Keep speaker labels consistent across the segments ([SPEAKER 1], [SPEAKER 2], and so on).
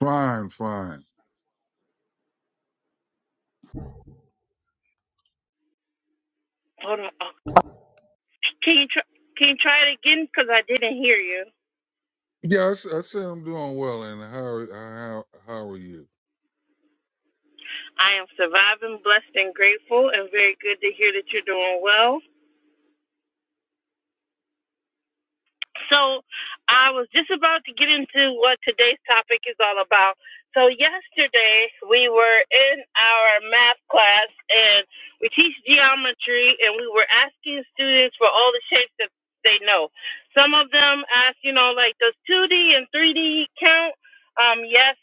[SPEAKER 1] Fine, fine.
[SPEAKER 2] Hold on. Oh, Can you try? Can you try it again? Because I didn't hear you.
[SPEAKER 1] Yeah, I said I'm doing well. And how how how are you?
[SPEAKER 2] I am surviving, blessed, and grateful, and very good to hear that you're doing well. So I was just about to get into what today's topic is all about. So yesterday we were in our math class and we teach geometry and we were asking students for all the shapes that they know. Some of them asked, you know, like does 2D and 3D count? Um, yes,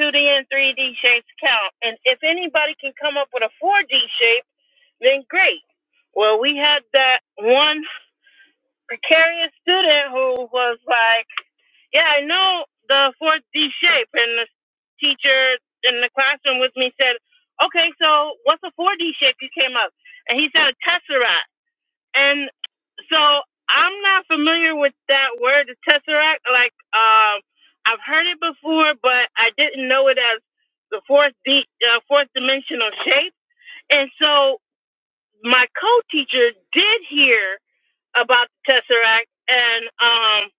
[SPEAKER 2] 2D and 3D shapes count. And if anybody can come up with a 4D shape, then great. Well, we had that one precarious student who was like, yeah, I know the 4D shape. And the teacher in the classroom with me said, okay, so what's a 4D shape you came up? And he said a tesseract. And so I'm not familiar with that word, the tesseract. Like, um, I've heard it before, but I didn't know it as the fourth, D, uh, fourth dimensional shape. And so my co-teacher did hear about the tesseract, and um,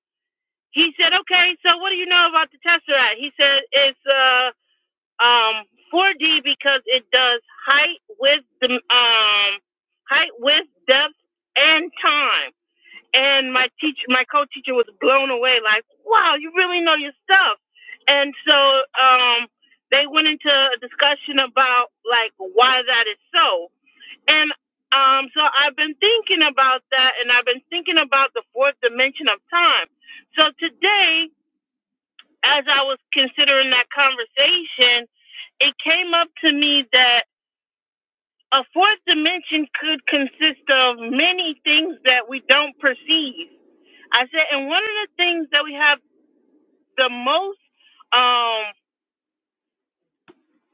[SPEAKER 2] he said, "Okay, so what do you know about the tesseract?" He said, "It's uh, um, 4D because it does height, width, dim- um, height, width, depth, and time." And my teacher, my co-teacher, was blown away. Like, wow, you really know your stuff. And so um, they went into a discussion about like why that is so and um, so I've been thinking about that, and I've been thinking about the fourth dimension of time. So today, as I was considering that conversation, it came up to me that a fourth dimension could consist of many things that we don't perceive. I said, and one of the things that we have the most um,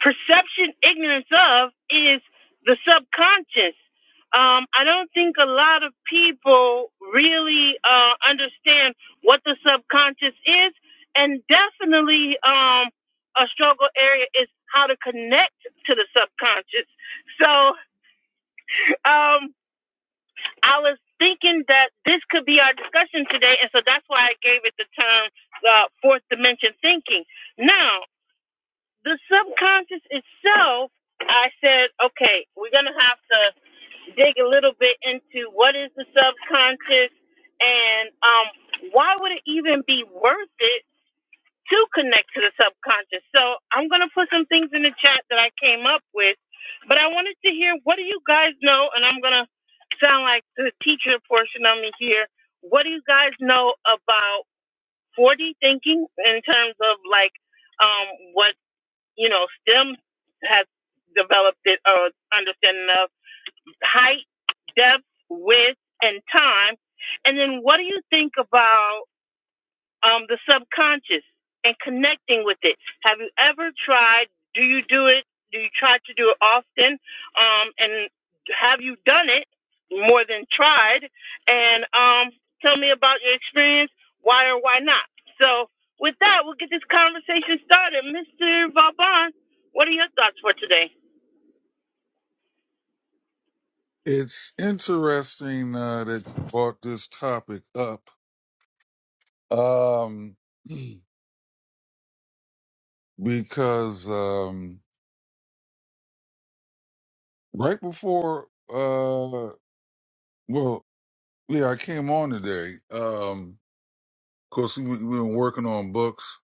[SPEAKER 2] perception ignorance of is the subconscious. Um, I don't think a lot of people really uh, understand what the subconscious is, and definitely um, a struggle area is how to connect to the subconscious. So um, I was thinking that this could be our discussion today, and so that's why I gave it the term uh, fourth dimension thinking. Now, the subconscious itself, I said, okay, we're going to have to dig a little bit into what is the subconscious and um, why would it even be worth it to connect to the subconscious. So I'm going to put some things in the chat that I came up with, but I wanted to hear what do you guys know, and I'm going to sound like the teacher portion of me here. What do you guys know about 4D thinking in terms of like, um, you know, STEM has developed it uh, understanding of height, depth, width, and time. And then what do you think about um, the subconscious and connecting with it. Have you ever tried? Do you do it? Do you try to do it often? Um, and have you done it more than tried? And um, tell me about your experience. Why or why not? So with that, we'll get this conversation started. Mr. Vauban, what are your thoughts for today?
[SPEAKER 1] It's interesting uh, that you brought this topic up um, because um, right before, uh, well, yeah, I came on today. Um, of course, we, we've been working on books.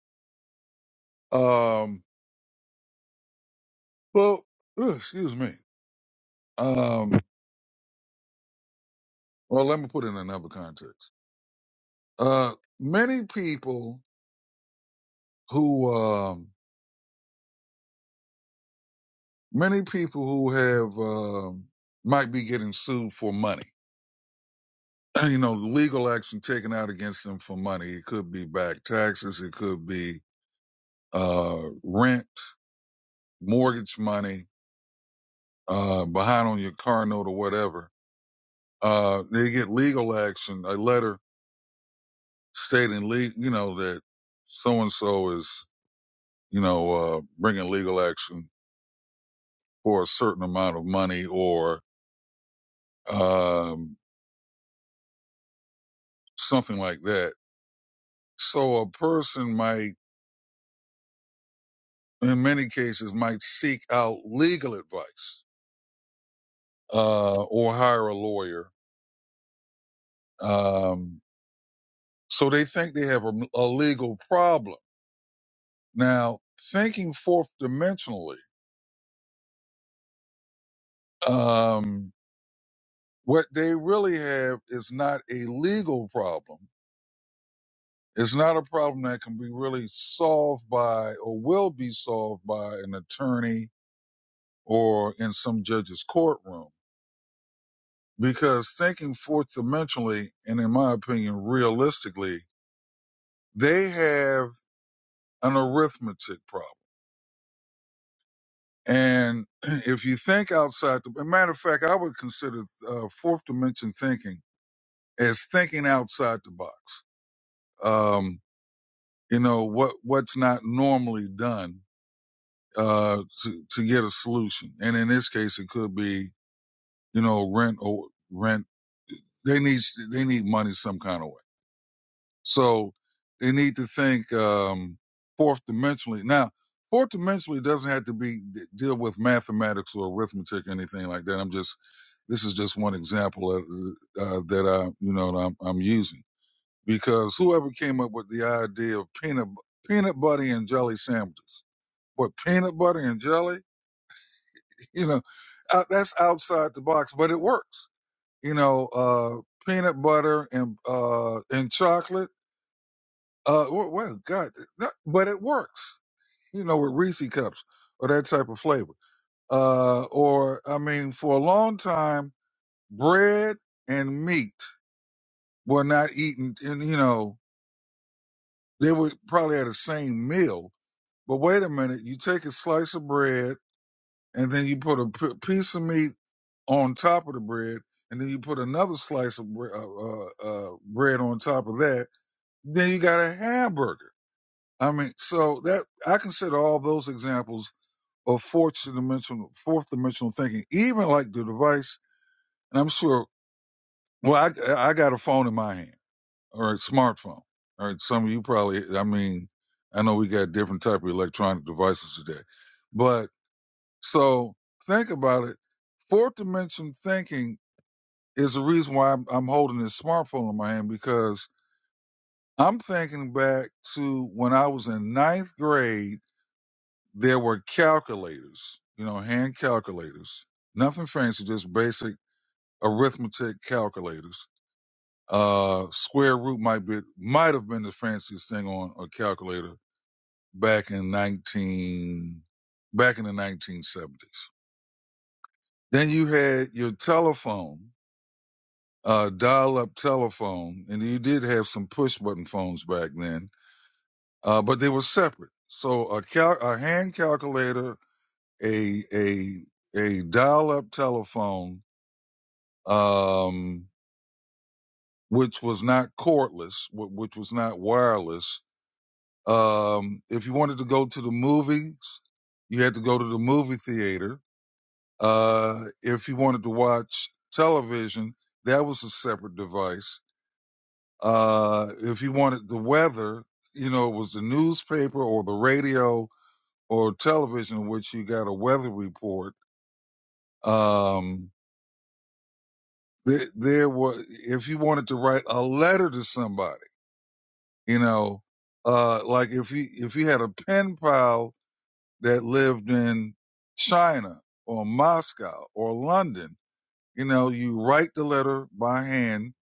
[SPEAKER 1] Um, well, ugh, excuse me. Um, well, let me put it in another context. Uh, many people who. um, many people who have um might be getting sued for money. You know, legal action taken out against them for money. It could be back taxes. It could be uh, rent, mortgage money, uh, behind on your car note or whatever. Uh, they get legal action, a letter stating, le- you know, that so and so is, you know, uh, bringing legal action for a certain amount of money or um, something like that. So a person might in many cases might seek out legal advice uh, or hire a lawyer. Um, so they think they have a, a legal problem. Now, thinking fourth dimensionally, um, what they really have is not a legal problem. It's not a problem that can be really solved by or will be solved by an attorney or in some judge's courtroom. Because thinking fourth dimensionally, and in my opinion, realistically, They have an arithmetic problem. And if you think outside the, matter of fact, I would consider uh, fourth dimension thinking as thinking outside the box. Um, you know what what's not normally done uh, to to get a solution, and in this case, it could be you know rent or rent. They need they need money some kind of way So they need to think um, fourth dimensionally. Now, fourth dimensionally doesn't have to be deal with mathematics or arithmetic or anything like that. I'm just this is just one example of, uh, that I you know that I'm, I'm using because whoever came up with the idea of peanut peanut butter and jelly sandwiches, but peanut butter and jelly, you know, uh, that's outside the box, but it works. You know, uh, peanut butter and uh, and chocolate Uh, well, well, God, that, but it works, you know, with Reese cups or that type of flavor. Uh, or I mean, for a long time, bread and meat were not eaten, and you know, they were probably at the same meal. But wait a minute, you take a slice of bread and then you put a p- piece of meat on top of the bread, and then you put another slice of bre- uh, uh, uh, bread on top of that. Then you got a hamburger. I mean, so that I consider all those examples of fourth dimensional fourth dimensional thinking, even like the device. And I'm sure. Well, I I got a phone in my hand or a smartphone. All right, some of you probably. I mean, I know we got different type of electronic devices today, but so think about it. Fourth dimension thinking is the reason why I'm, I'm holding this smartphone in my hand because I'm thinking back to when I was in ninth grade there were calculators, you know, hand calculators, nothing fancy, just basic arithmetic calculators. Uh, square root might be might have been the fanciest thing on a calculator back in nineteen back in the nineteen seventies. Then you had your telephone, uh, dial up telephone, and you did have some push button phones back then, uh, but they were separate. So a cal- a hand calculator a a a dial-up telephone, um, which was not cordless, which was not wireless. Um, if you wanted to go to the movies, you had to go to the movie theater. Uh, if you wanted to watch television, that was a separate device. Uh, if you wanted the weather, you know, it was the newspaper or the radio or television in which you got a weather report. Um, There, there was, if you wanted to write a letter to somebody, you know, uh, like if you, if you had a pen pal that lived in China or Moscow or London, you know, you write the letter by hand.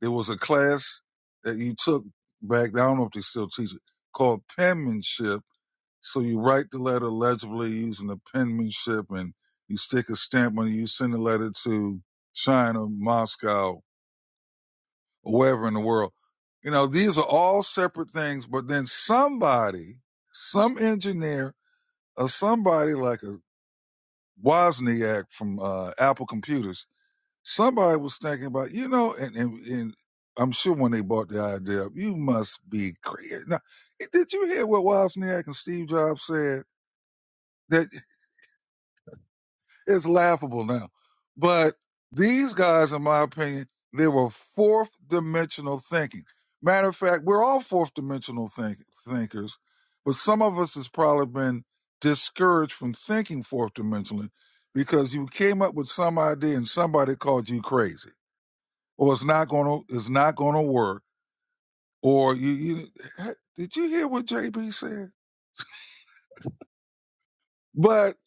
[SPEAKER 1] There was a class that you took back. I don't know if they still teach it called penmanship. So you write the letter legibly using the penmanship and you stick a stamp on it. You send the letter to China, Moscow, or wherever in the world. You know, these are all separate things, but then somebody, some engineer or somebody like a Wozniak from uh, Apple Computers, somebody was thinking about, you know, and, and, and I'm sure when they bought the idea up, you must be crazy. Now, did you hear what Wozniak and Steve Jobs said? That. it's laughable now. But these guys, in my opinion, they were fourth dimensional thinking. Matter of fact, we're all fourth dimensional think- thinkers, but some of us has probably been discouraged from thinking fourth dimensionally because you came up with some idea and somebody called you crazy, or it's not gonna it's not gonna work, or you you did you hear what JB said? But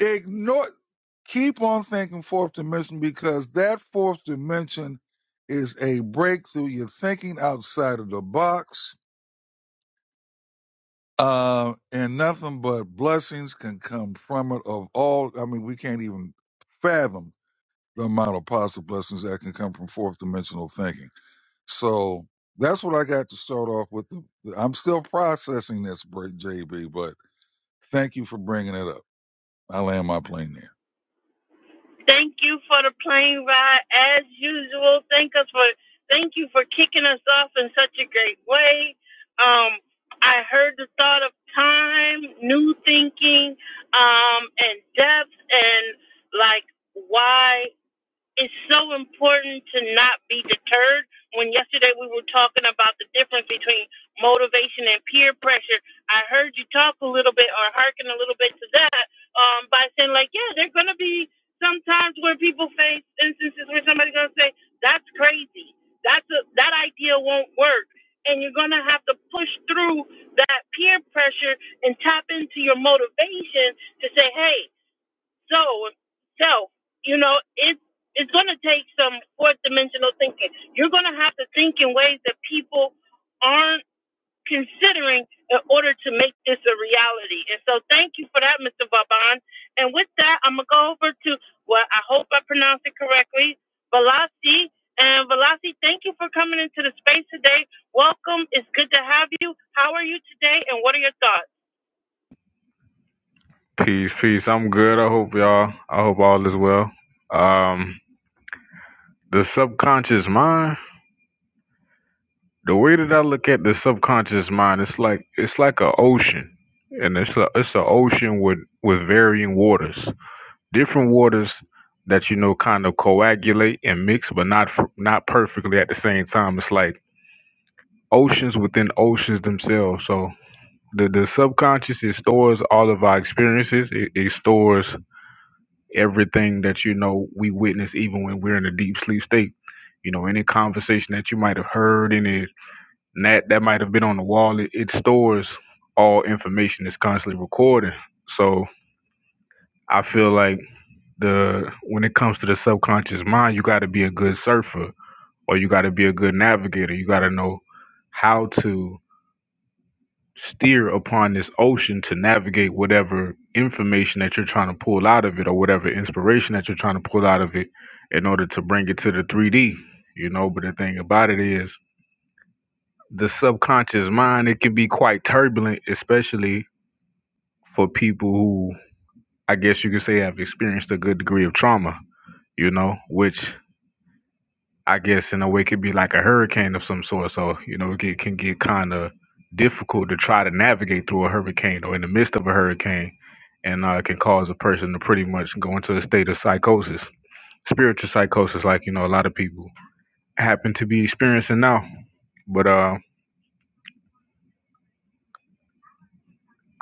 [SPEAKER 1] ignore. Keep on thinking fourth dimension because that fourth dimension is a breakthrough. You're thinking outside of the box. Uh, and nothing but blessings can come from it of all. I mean, we can't even fathom the amount of positive blessings that can come from fourth dimensional thinking. So that's what I got to start off with. I'm still processing this, break, JB, but thank you for bringing it up. I land my plane
[SPEAKER 2] Thank you for the plane ride as usual. Thank us for thank you for kicking us off in such a great way. Um, I heard the thought of time, new thinking, um, and depth and like why it's so important to not be deterred. When yesterday we were talking about the difference between motivation and peer pressure, I heard you talk a little bit or hearken a little bit to that um, by saying, like, yeah, there are going to be some times where people face instances where somebody's going to say, that's crazy. That's a, that idea won't work. And you're going to have to push through that peer pressure and tap into your motivation to say, hey, so, so you know, it's it's going to take some fourth dimensional thinking. You're going to have to think in ways that people aren't considering in order to make this a reality. And so, thank you for that, Mr. Vaban. And with that, I'm gonna go over to well, I hope I pronounced it correctly, Velasi. And Velasi, thank you for coming into the space today. Welcome. It's good to have you. How are you today? And what are your thoughts?
[SPEAKER 3] Peace, peace. I'm good. I hope y'all. I hope all is well. Um, the subconscious mind. The way that I look at the subconscious mind, it's like it's like an ocean, and it's a it's an ocean with with varying waters, different waters that you know kind of coagulate and mix, but not f- not perfectly at the same time. It's like oceans within oceans themselves. So the the subconscious it stores all of our experiences. It, it stores everything that you know we witness even when we're in a deep sleep state you know any conversation that you might have heard any that that might have been on the wall it, it stores all information it's constantly recording so i feel like the when it comes to the subconscious mind you got to be a good surfer or you got to be a good navigator you got to know how to steer upon this ocean to navigate whatever information that you're trying to pull out of it or whatever inspiration that you're trying to pull out of it in order to bring it to the 3D, you know. But the thing about it is, the subconscious mind, it can be quite turbulent, especially for people who I guess you could say have experienced a good degree of trauma, you know, which I guess in a way it could be like a hurricane of some sort. So you know it get, can get kind of difficult to try to navigate through a hurricane or in the midst of a hurricane, and uh, it can cause a person to pretty much go into a state of psychosis, spiritual psychosis, like you know a lot of people happen to be experiencing now. But uh,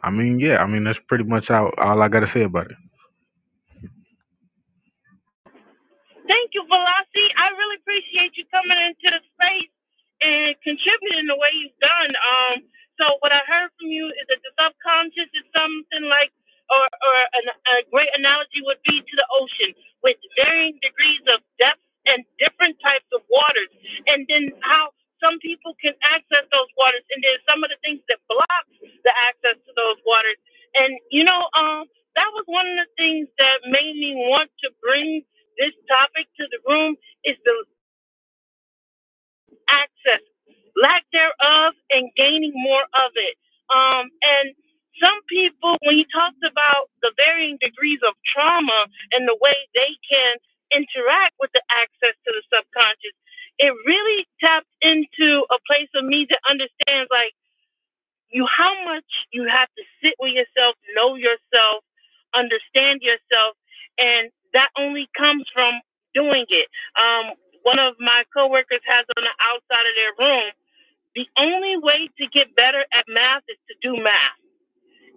[SPEAKER 3] I mean, yeah, I mean that's pretty much all, all I got to say about it.
[SPEAKER 2] Thank you, Velocity. I really appreciate you coming into the space and contributing the way you've done. Um, so what I heard from you is that the subconscious is something like, or, or an, a great analogy would be to the ocean, with varying degrees of depth and different types of waters, and then how some people can access those waters, and then some of the things that blocks the access to those waters. And you know, um, that was one of the things that made me want to bring this topic to the room is the access, lack thereof, and gaining more of it. Um, and some people, when he talks about the varying degrees of trauma and the way they can interact with the access to the subconscious, it really taps into a place of me that understands, like you how much you have to sit with yourself, know yourself, understand yourself, and that only comes from doing it. Um, one of my coworkers has on the outside of their room, the only way to get better at math is to do math.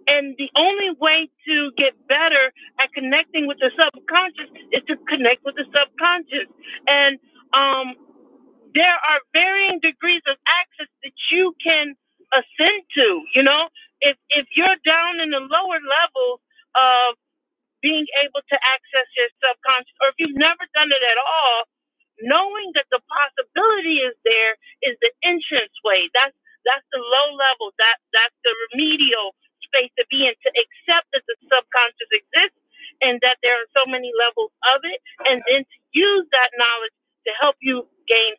[SPEAKER 2] And the only way to get better at connecting with the subconscious is to connect with the subconscious. And um, there are varying degrees of access that you can ascend to. You know, if if you're down in the lower levels of being able to access your subconscious, or if you've never done it at all, knowing that the possibility is there is the entrance way. That's that's the low level. That that's the remedial space to be in to accept that the subconscious exists and that there are so many levels of it, and then to use that knowledge to help you gain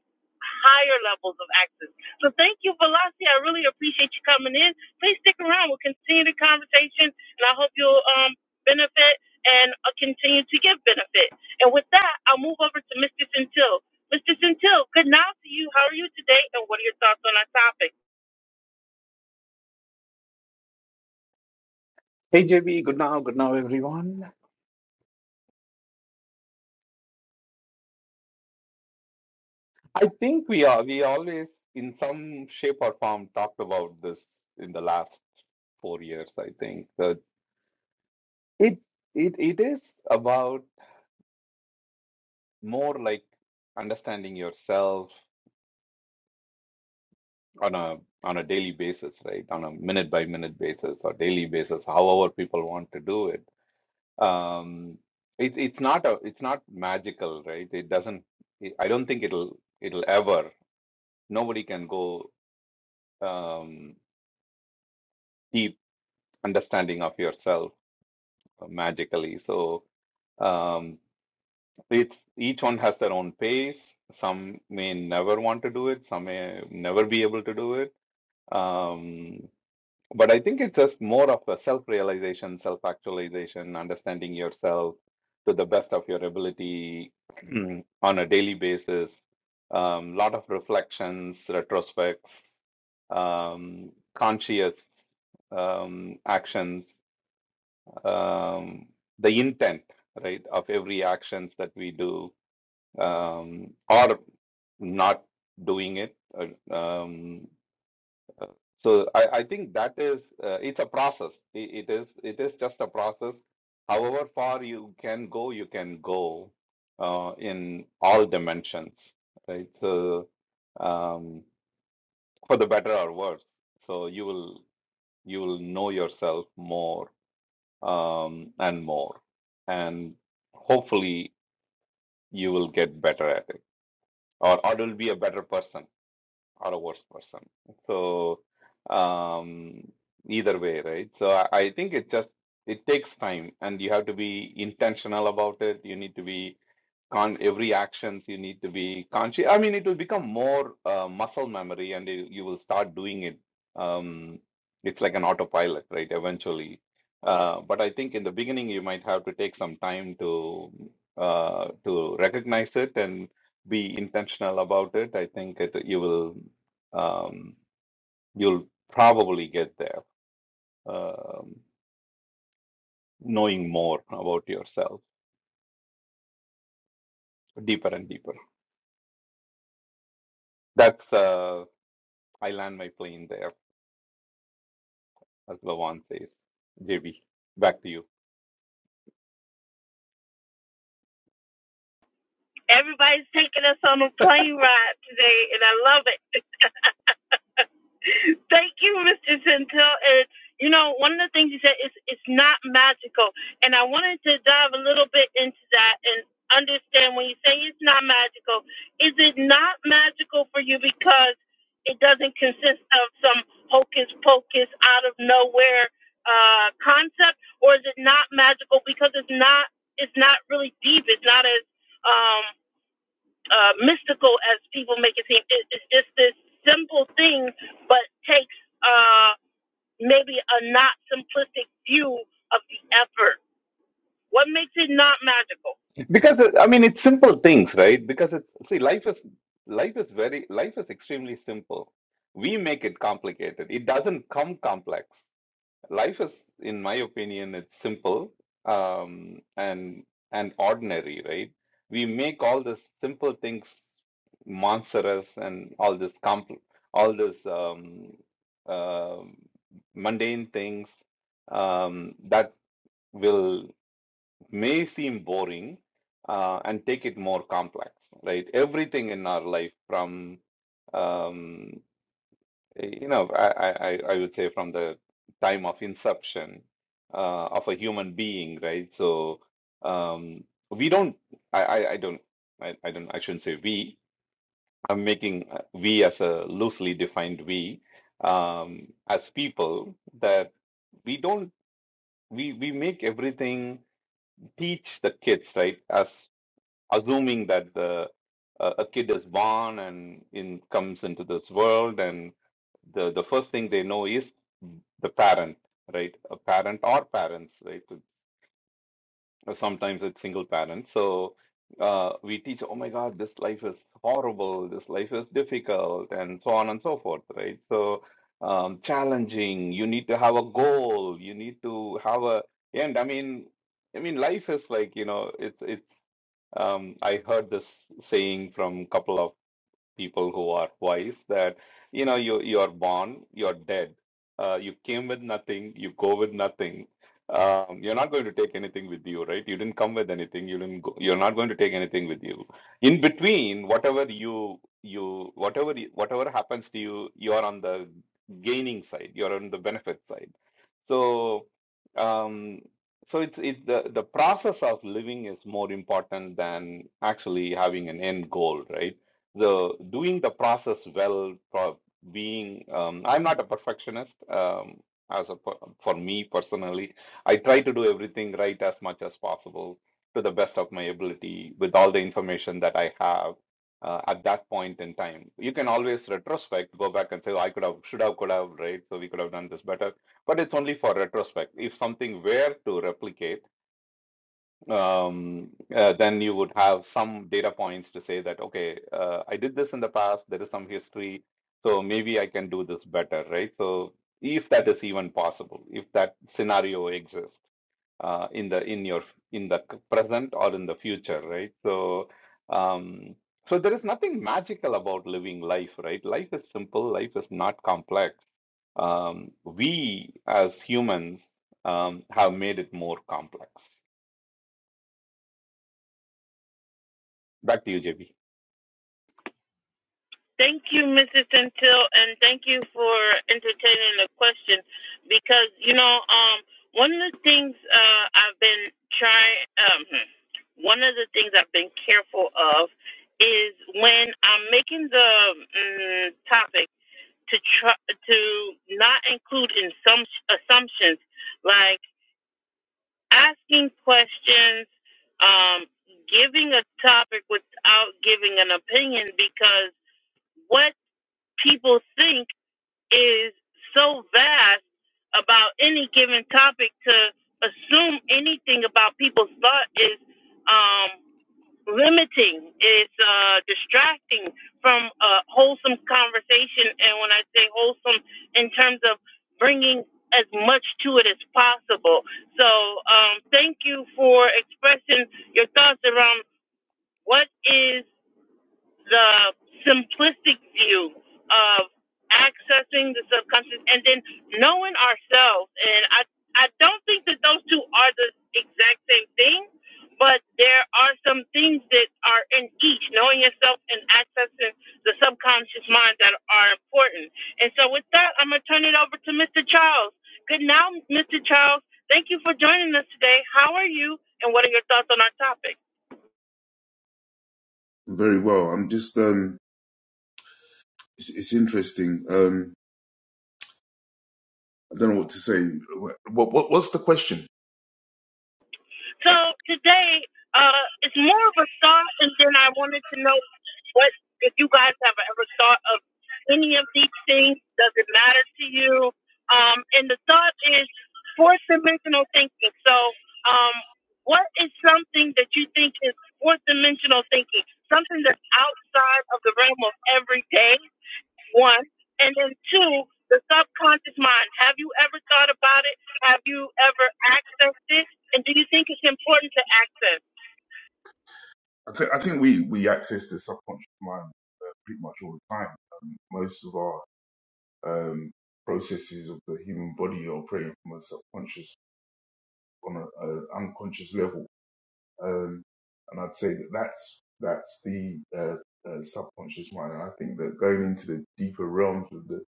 [SPEAKER 2] higher levels of access. So thank you, Velocity. I really appreciate you coming in. Please stick around. We'll continue the conversation, and I hope you'll um, benefit and uh, continue to give benefit. And with that, I'll move over to Mr. Centil. Mr. Centil, good night to you. How are you today? And what are your thoughts on our topic?
[SPEAKER 4] Hey JB, good now, good now everyone. I think we are we always in some shape or form talked about this in the last four years, I think. That it it it is about more like understanding yourself on a on a daily basis, right? On a minute by minute basis or daily basis, however people want to do it. Um it, it's not a it's not magical, right? It doesn't I don't think it'll it'll ever nobody can go. um deep understanding of yourself uh, magically. So um, it's each one has their own pace. Some may never want to do it. Some may never be able to do it. Um, but I think it's just more of a self-realization, self-actualization, understanding yourself to the best of your ability on a daily basis. Um, lot of reflections, retrospects, um, conscious um, actions um, the intent right of every actions that we do um, or not doing it uh, um, so I, I think that is uh, it's a process it, it is it is just a process however far you can go you can go uh, in all dimensions right so um, for the better or worse so you will you will know yourself more um, and more. And hopefully, you will get better at it, or or will be a better person or a worse person. So, um, either way, right? So I, I think it just it takes time, and you have to be intentional about it. You need to be con every actions you need to be conscious i mean it will become more uh, muscle memory and you you will start doing it um, it's like an autopilot right eventually uh, but i think in the beginning you might have to take some time to uh, to recognize it and be intentional about it i think it, you will um, you'll probably get there um, knowing more about yourself deeper and deeper that's uh, i land my plane there as Lawan says. JB, back to you.
[SPEAKER 2] Everybody's taking us on a plane ride today, and I love it. Thank you, Mr. Centel. And you know, one of the things you said is it's not magical, and I wanted to dive a little bit into that and understand when you say it's not magical, is it not magical for you because it doesn't consist of some hocus pocus out of nowhere uh, concept, or is it not magical because it's not it's not really deep, it's not as um uh, mystical as people make it seem. It, it's just this simple thing, but takes uh, maybe a not simplistic view of the effort. What makes it not magical?
[SPEAKER 4] Because uh, I mean, it's simple things, right? Because it's see, life is life is very life is extremely simple. We make it complicated. It doesn't come complex. Life is, in my opinion, it's simple um, and and ordinary, right? We make all these simple things monstrous and all this compl- all this um, um mundane things um, that will may seem boring uh, and take it more complex, right? Everything in our life, from um, eh, you know, I, I, I I would say from the time of inception uh, of a human being, right? So um, we don't, I, I, I don't, I, I don't, I shouldn't say we. I'm making uh, we as a loosely defined we um, as people that we don't we we make everything teach the kids right as assuming that the uh, a a kid is born and in comes into this world and the the first thing they know is the parent right a parent or parents right or sometimes it's single parent. So uh, we teach, oh my God, this life is horrible, this life is difficult, and so on and so forth, right? So um, challenging. You need to have a goal. You need to have a end. I mean, I mean, life is like, you know, it's it's. Um, I heard this saying from a couple of people who are wise that you know you you are born you're dead uh, you came with nothing you go with nothing um, you're not going to take anything with you right you didn't come with anything you didn't go, you're not going to take anything with you in between whatever you you whatever you- whatever happens to you you're on the gaining side you're on the benefit side so um so it's it the the process of living is more important than actually having an end goal right the doing the process well pro- being um, i'm not a perfectionist um, as a per- for me personally i try to do everything right as much as possible to the best of my ability with all the information that i have uh, at that point in time you can always retrospect go back and say "Oh, i could have should have could have right so we could have done this better but it's only for retrospect if something were to replicate um, uh, then you would have some data points to say that, okay, uh, I did this in the past, there is some history, so maybe I can do this better, right? So if that is even possible, if that scenario exists uh, in the in your in the c- present or in the future, right? So um, so there is nothing magical about living life, right? Life is simple, life is not complex. Um, we as humans um, have made it more complex. Back to you, JB.
[SPEAKER 2] Thank you, Mrs. Centil, and thank you for entertaining the question because, you know, um, one of the things uh, I've been trying, um, one of the things I've been careful of is when I'm making the mm, topic to try to not include in some assumptions like asking questions um, giving a topic without giving an opinion because what people think is so vast about any given topic to assume anything about people's thought is um, limiting. It's uh, distracting from a wholesome conversation. And when I say wholesome, in terms of bringing as much to it as possible. So um, thank you for expressing your thoughts around what is the simplistic view of accessing the subconscious and then knowing ourselves. And I, I don't think that those two are the exact same thing, but there are some things that are in each, knowing yourself and accessing the subconscious mind that are important. And so with that, I'm going to turn it over to Mr. Charles. Good now, Mr. Charles. Thank you for joining us today. How are you? And what are your thoughts on our topic?
[SPEAKER 5] Very well. I'm just um, it's, it's interesting. Um, I don't know what to say. What, what what's the question?
[SPEAKER 2] So today, uh, it's more of a thought, and then I wanted to know what if you guys have ever thought of any of these things. Does it matter to you? Um, and the thought is fourth dimensional thinking. So, um, what is something that you think is fourth dimensional thinking? Something that's outside of the realm of everyday one. And then two, the subconscious mind. Have you ever thought about it? Have you ever accessed it? And do you think it's important to access?
[SPEAKER 5] I think I think we we access the subconscious mind uh, pretty much all the time. Um, most of our um processes of the human body are operating from a subconscious on a, a unconscious level. Um, and I'd say that that's that's the uh, uh, subconscious mind. And I think that going into the deeper realms of the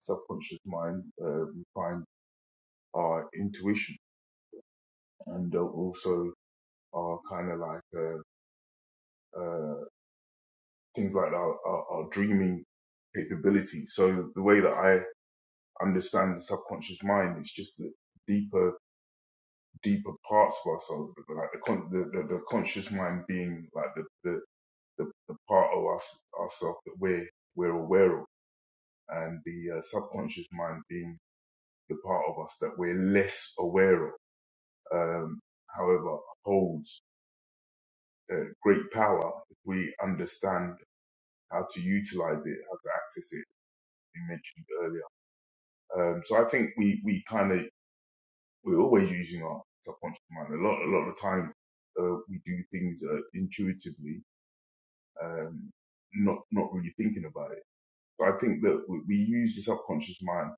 [SPEAKER 5] subconscious mind, uh, we find our intuition and uh, also our kind of like uh, uh, things like our, our, our dreaming capability. So the way that I understand the subconscious mind is just the deeper, deeper parts of ourselves, like the con- the, the, the conscious mind being like the the, the, the part of us ourselves that we're we're aware of, and the uh, subconscious mind being the part of us that we're less aware of. Um, however, holds uh, great power if we understand how to utilize it, how to access it, as you mentioned earlier. Um, so I think we, we kind of, we're always using our subconscious mind. A lot, a lot of the time, uh, we do things uh, intuitively, um, not, not really thinking about it. But I think that we, we use the subconscious mind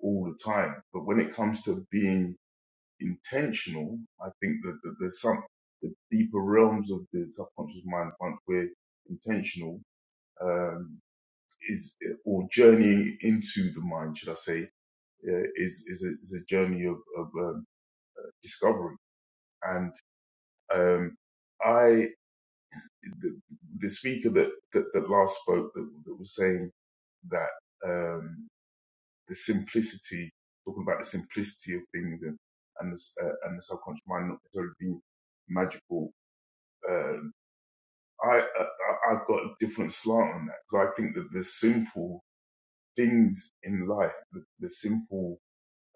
[SPEAKER 5] all the time. But when it comes to being intentional, I think that, that there's some, the deeper realms of the subconscious mind, once we're intentional, um, is or journey into the mind, should I say, uh, is is a, is a journey of, of um, discovery. And um, I, the, the speaker that, that that last spoke that, that was saying that um, the simplicity, talking about the simplicity of things and and the, s- uh, and the subconscious mind not necessarily being magical. Um, I, I I- I've got a different slant on that because I think that the simple things in life, the, the simple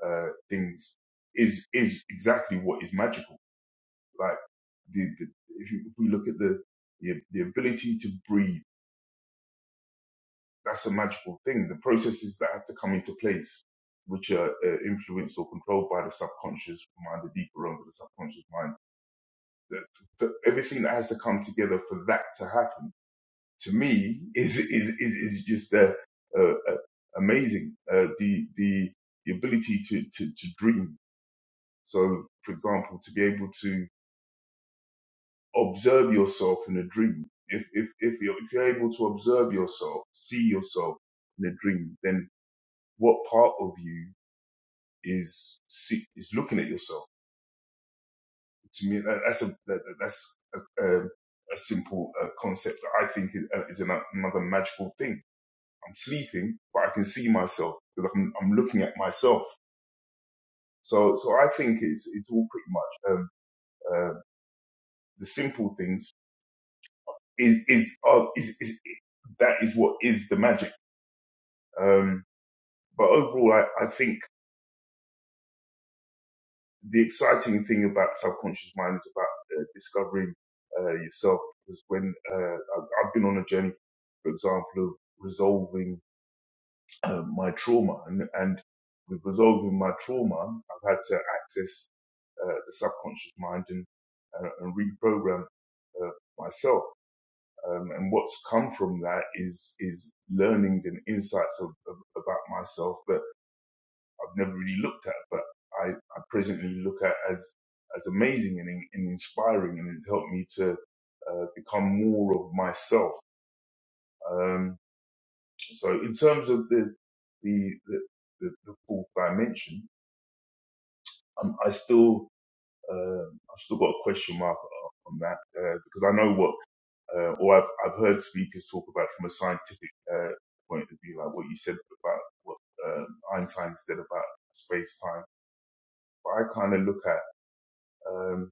[SPEAKER 5] uh, things is is exactly what is magical. Like the, the if, you, if we look at the, the the ability to breathe, that's a magical thing. The processes that have to come into place, which are uh, influenced or controlled by the subconscious mind, the deeper realm of the subconscious mind, the, the, everything that has to come together for that to happen, to me, is is is, is just uh, uh, uh, amazing. Uh, the the the ability to, to, to dream. So, for example, to be able to observe yourself in a dream. If if if you're if you're able to observe yourself, see yourself in a dream, then what part of you is see, is looking at yourself? To me, that, that's a that, that- that's a, um a simple uh, concept that I think is, uh, is ano- another magical thing. I'm sleeping, but I can see myself because I'm I'm looking at myself. So so I think it's it's all pretty much um, uh, the simple things is is, uh, is is that is what is the magic Um, but overall, I, I think the exciting thing about subconscious mind is about uh, discovering uh, yourself. Because when uh, I've, I've been on a journey, for example, of resolving uh, my trauma, and, and with resolving my trauma, I've had to access uh, the subconscious mind and, uh, and reprogram uh, myself. Um, and what's come from that is is learnings and insights of, of, about myself, But I've never really looked at, but I, I presently look at as as amazing and, in- and inspiring, and it's helped me to uh, become more of myself. Um, so, in terms of the the the, the, the fourth dimension, um, I still uh, I've still got a question mark uh, on that uh, because I know what uh, or I've I've heard speakers talk about from a scientific uh, point of view, like what you said about what um Einstein said about space time. But I kind of look at. Um,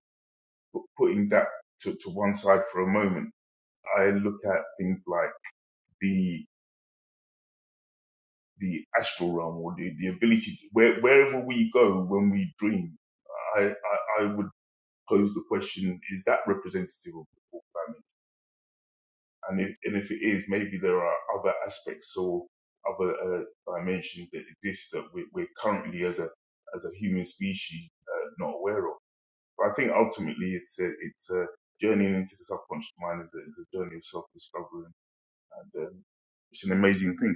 [SPEAKER 5] But putting that to, to one side for a moment, I look at things like the the astral realm or the, the ability to, where, wherever we go when we dream. I, I, I would pose the question: Is that representative of the fourth dimension? And if, and if it is, maybe there are other aspects or other uh, dimensions that exist that we, we're currently as a as a human species uh, not aware of. But I think ultimately it's a, it's a journeying into the subconscious mind is a, is a journey of self-discovery And um, it's an amazing thing.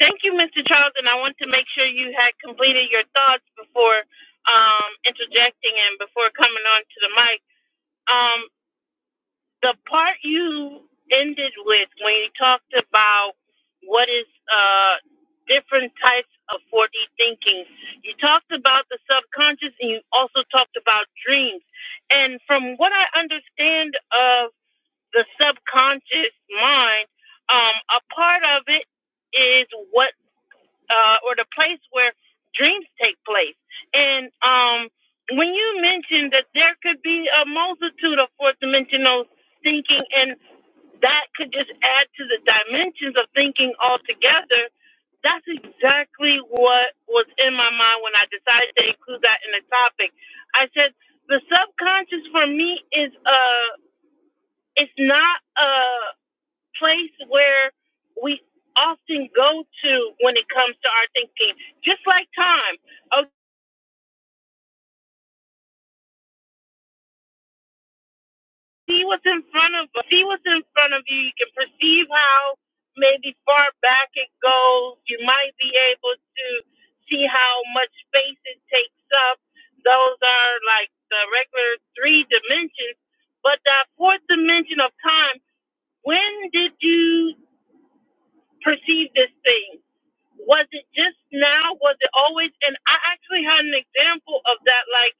[SPEAKER 2] Thank you, Mr. Charles. And I want to make sure you had completed your thoughts before um, interjecting and before coming on to the mic. Um, the part you ended with when you talked about what is uh, different types of 4D thinking, you talked about the subconscious and you also talked about dreams. And from what I understand of the subconscious mind, um, a part of it is what uh, or the place where dreams take place. And um, when you mentioned that there could be a multitude of fourth dimensional thinking, and that could just add to the dimensions of thinking altogether, that's exactly what was in my mind when I decided to include that in the topic. I said the subconscious for me is uh, it's not a place where we often go to when it comes to our thinking, just like time. Oh, see what's in front of see what's in front of you. You can perceive how maybe far back it goes. You might be able to see how much space it takes up. Those are like the regular three dimensions, but that fourth dimension of time. When did you perceive this thing. Was it just now? Was it always? And I actually had an example of that. Like,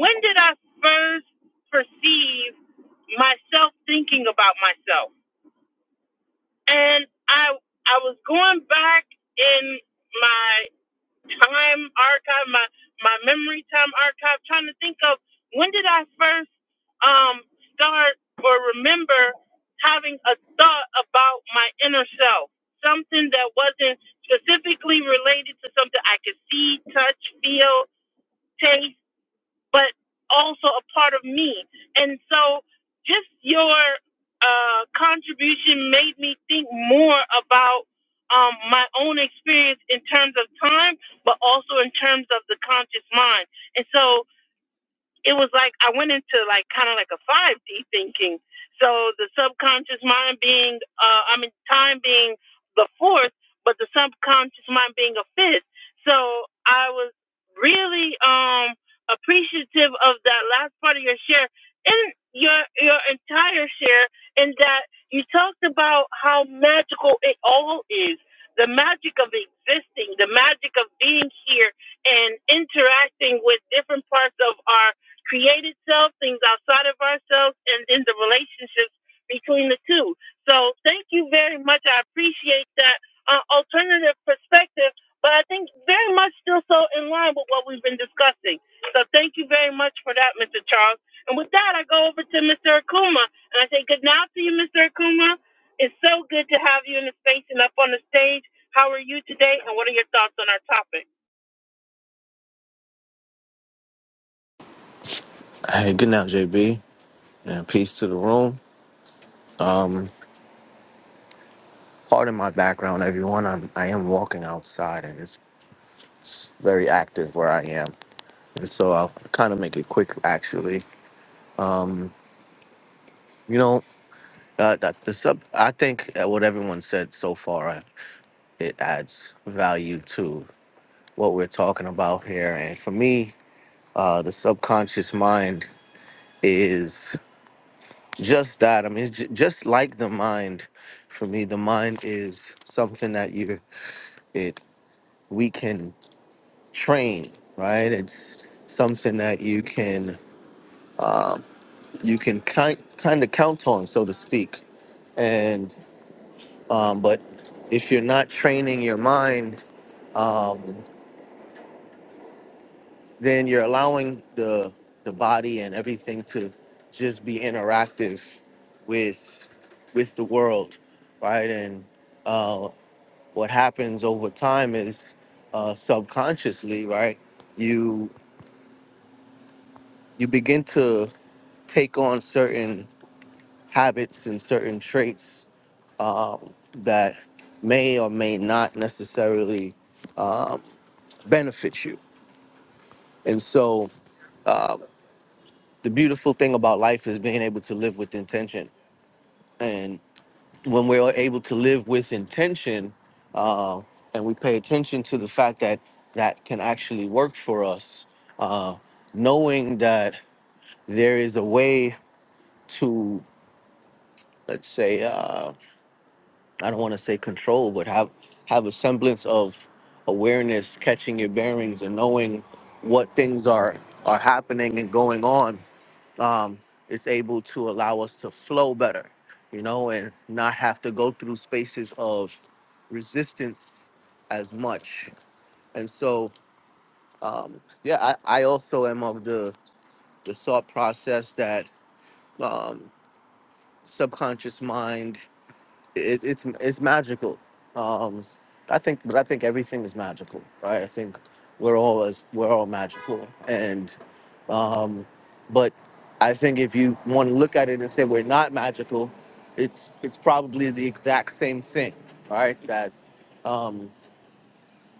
[SPEAKER 2] when did I first perceive myself thinking about myself? And I I was going back in my time archive, my my memory time archive, trying to think of when did I first um start or remember having a thought about my inner self, something that wasn't specifically related to something I could see, touch, feel, taste but also a part of me. And so just your uh, contribution made me think more about um, my own experience in terms of time, but also in terms of the conscious mind. And so it was like I went into like kind of like a 5D thinking. So the subconscious mind being, uh, I mean, time being the fourth, but the subconscious mind being a fifth. So I was really um, appreciative of that last part of your share and your your entire share, in that you talked about how magical it all is. The magic of existing, the magic of being here and interacting with different parts of our created self, things outside of ourselves, and then the relationships between the two. So thank you very much. I appreciate that uh, alternative perspective, but I think very much still so in line with what we've been discussing. So thank you very much for that, Mr. Charles. And with that, I go over to Mr. Akuma, and I say good night to you, Mr. Akuma. It's so good to have you in the space and up on the stage. How are you today, and what are your thoughts on our topic?
[SPEAKER 6] Hey, good now, JB, and peace to the room. Pardon my background, everyone. I'm I am walking outside, and it's very active where I am, and so I'll kind of make it quick. Actually, you know, uh, that the sub. I think uh, what everyone said so far, uh, it adds value to what we're talking about here. And for me, uh, the subconscious mind is just that. I mean, it's ju- just like the mind. For me, the mind is something that you it we can train, right? It's something that you can um, you can kind kind of count on, so to speak. And um, but if you're not training your mind, um, then you're allowing the the body and everything to just be interactive with with the world, right? And uh, what happens over time is uh, subconsciously, right? You you begin to take on certain habits and certain traits um, that may or may not necessarily um, benefit you. And so, uh, the beautiful thing about life is being able to live with intention. And when we're able to live with intention, uh, and we pay attention to the fact that that can actually work for us, uh, knowing that there is a way to, let's say, uh, I don't want to say control, but have have a semblance of awareness, catching your bearings, and knowing what things are are happening and going on. Um, it's able to allow us to flow better, you know, and not have to go through spaces of resistance as much. And so, um, yeah, I, I also am of the the thought process that um, subconscious mind it, it's it's magical. Um, I think, but I think everything is magical, right? I think we're all as we're all magical, and um, but I think if you want to look at it and say we're not magical, it's it's probably the exact same thing, right? That um,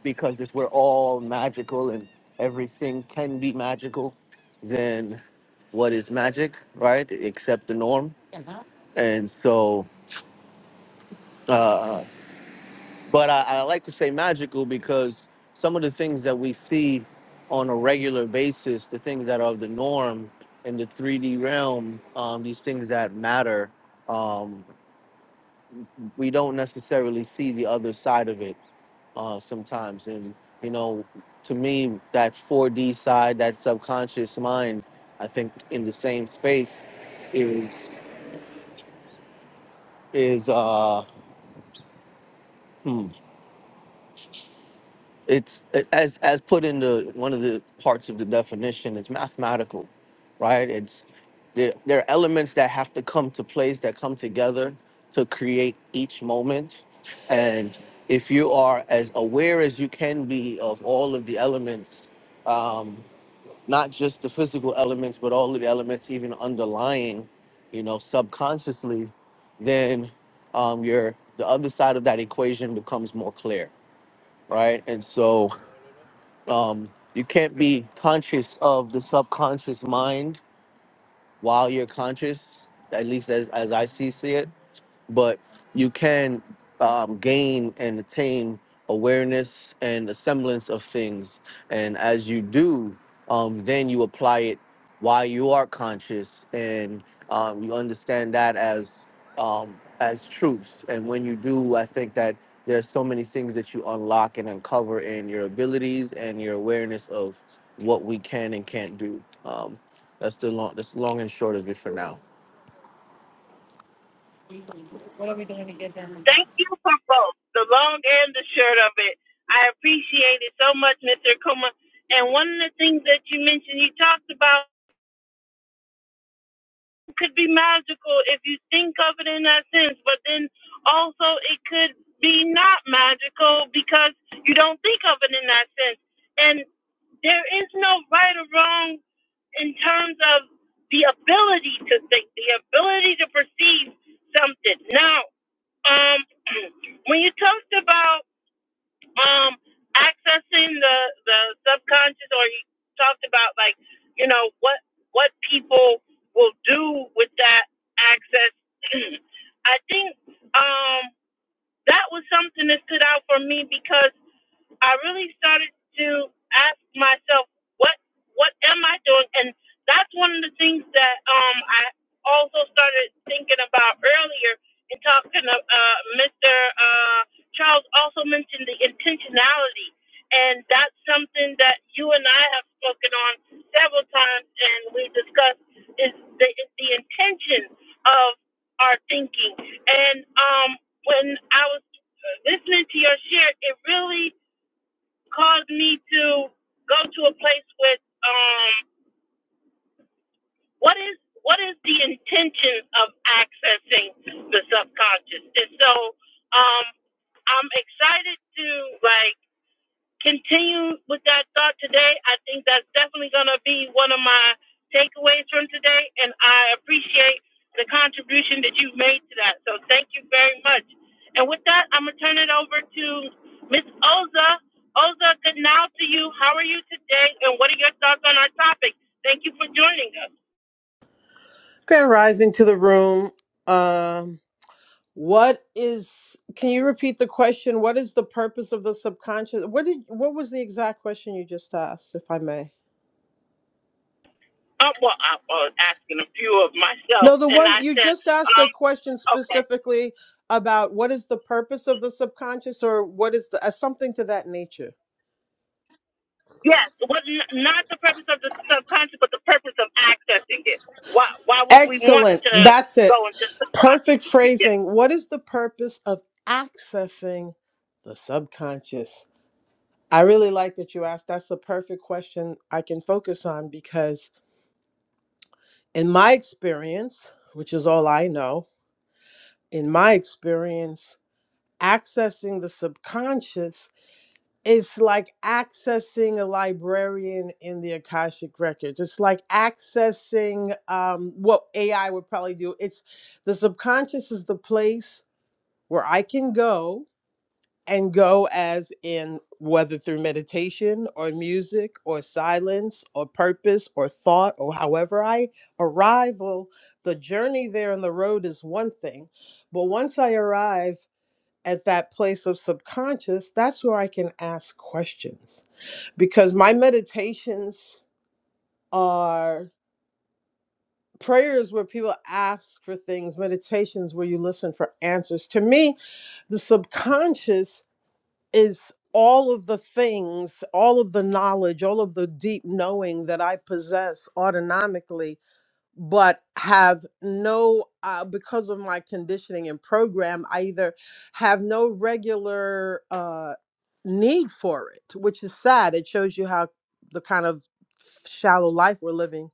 [SPEAKER 6] because if we're all magical and everything can be magical, then what is magic, right? Except the norm, and so. uh, But I, I like to say magical because some of the things that we see on a regular basis, the things that are the norm in the 3D realm, um, these things that matter, um, we don't necessarily see the other side of it uh, sometimes. And, you know, to me, that 4D side, that subconscious mind, I think in the same space is, is, uh, hmm, it's as as put in the one of the parts of the definition it's mathematical right it's there, there are elements that have to come to place that come together to create each moment and if you are as aware as you can be of all of the elements um, not just the physical elements but all of the elements even underlying you know subconsciously then um, your the other side of that equation becomes more clear right and so um, you can't be conscious of the subconscious mind while you're conscious at least as, as i see, see it but you can um, gain and attain awareness and a semblance of things. And as you do, um, then you apply it while you are conscious, and um, you understand that as um, as truths. And when you do, I think that there's so many things that you unlock and uncover in your abilities and your awareness of what we can and can't do. Um, that's the long that's long and short of it for now.
[SPEAKER 2] Thank you for both the long and the short of it. I appreciate it so much, Mr. Kuma. And one of the things that you mentioned, you talked about, could be magical if you think of it in that sense, but then also it could be not magical because you don't think of it in that sense. And there is no right or wrong in terms of the ability to think, the ability to perceive something. Now, um, when you talked about um accessing the the subconscious or he talked about like you know what what people will do with that access i think um that was something that stood out for me because I really started to ask myself, what what am I doing? And that's one of the things that um I also started thinking about earlier in talking to uh, Mr. Uh, Charles also mentioned the intentionality, and that's something that you and I have spoken on several times, and we discussed is the, is the intention of are thinking. And um, when I was listening to your share, it really caused me to go to a place with um, what is what is the intention of accessing the subconscious? And so um, I'm excited to like continue with that thought today. I think that's definitely going to be one of my takeaways from today, and I appreciate the contribution that you've made to that. So thank you very much. And with that, I'm going to turn it over to Miss Oza. Oza, good now to you. How are you today, and what are your thoughts on our topic? Thank you for joining us.
[SPEAKER 7] Grand rising to the room. Um, what is? Can you repeat the question? What is the purpose of the subconscious? What did? What was the exact question you just asked, if I may?
[SPEAKER 2] Um, well, I was asking a few of myself,
[SPEAKER 7] No, the
[SPEAKER 2] and
[SPEAKER 7] one
[SPEAKER 2] I
[SPEAKER 7] you
[SPEAKER 2] said,
[SPEAKER 7] just asked
[SPEAKER 2] um,
[SPEAKER 7] a question
[SPEAKER 2] okay.
[SPEAKER 7] specifically about what is the purpose of the subconscious, or what is the uh, something to that nature.
[SPEAKER 2] Yes, what not the purpose of the subconscious, but the purpose of accessing it. Why why would we want
[SPEAKER 7] Excellent.
[SPEAKER 2] to
[SPEAKER 7] That's it.
[SPEAKER 2] go into the
[SPEAKER 7] Perfect
[SPEAKER 2] subconscious? Yes.
[SPEAKER 7] phrasing. What is the purpose of accessing the subconscious? I really like that you asked. That's a perfect question I can focus on because, in my experience, which is all I know, in my experience, accessing the subconscious is like accessing a librarian in the Akashic Records. It's like accessing um, what AI would probably do. It's the subconscious is the place where I can go and go as in whether through meditation or music or silence or purpose or thought or however I arrival, the journey there and the road is one thing. But once I arrive at that place of subconscious, that's where I can ask questions because my meditations are prayers where people ask for things meditations where you listen for answers to me the subconscious is all of the things, all of the knowledge, all of the deep knowing that I possess autonomically, but have no, uh, because of my conditioning and program, I either have no regular uh, need for it, which is sad. It shows you how the kind of shallow life we're living.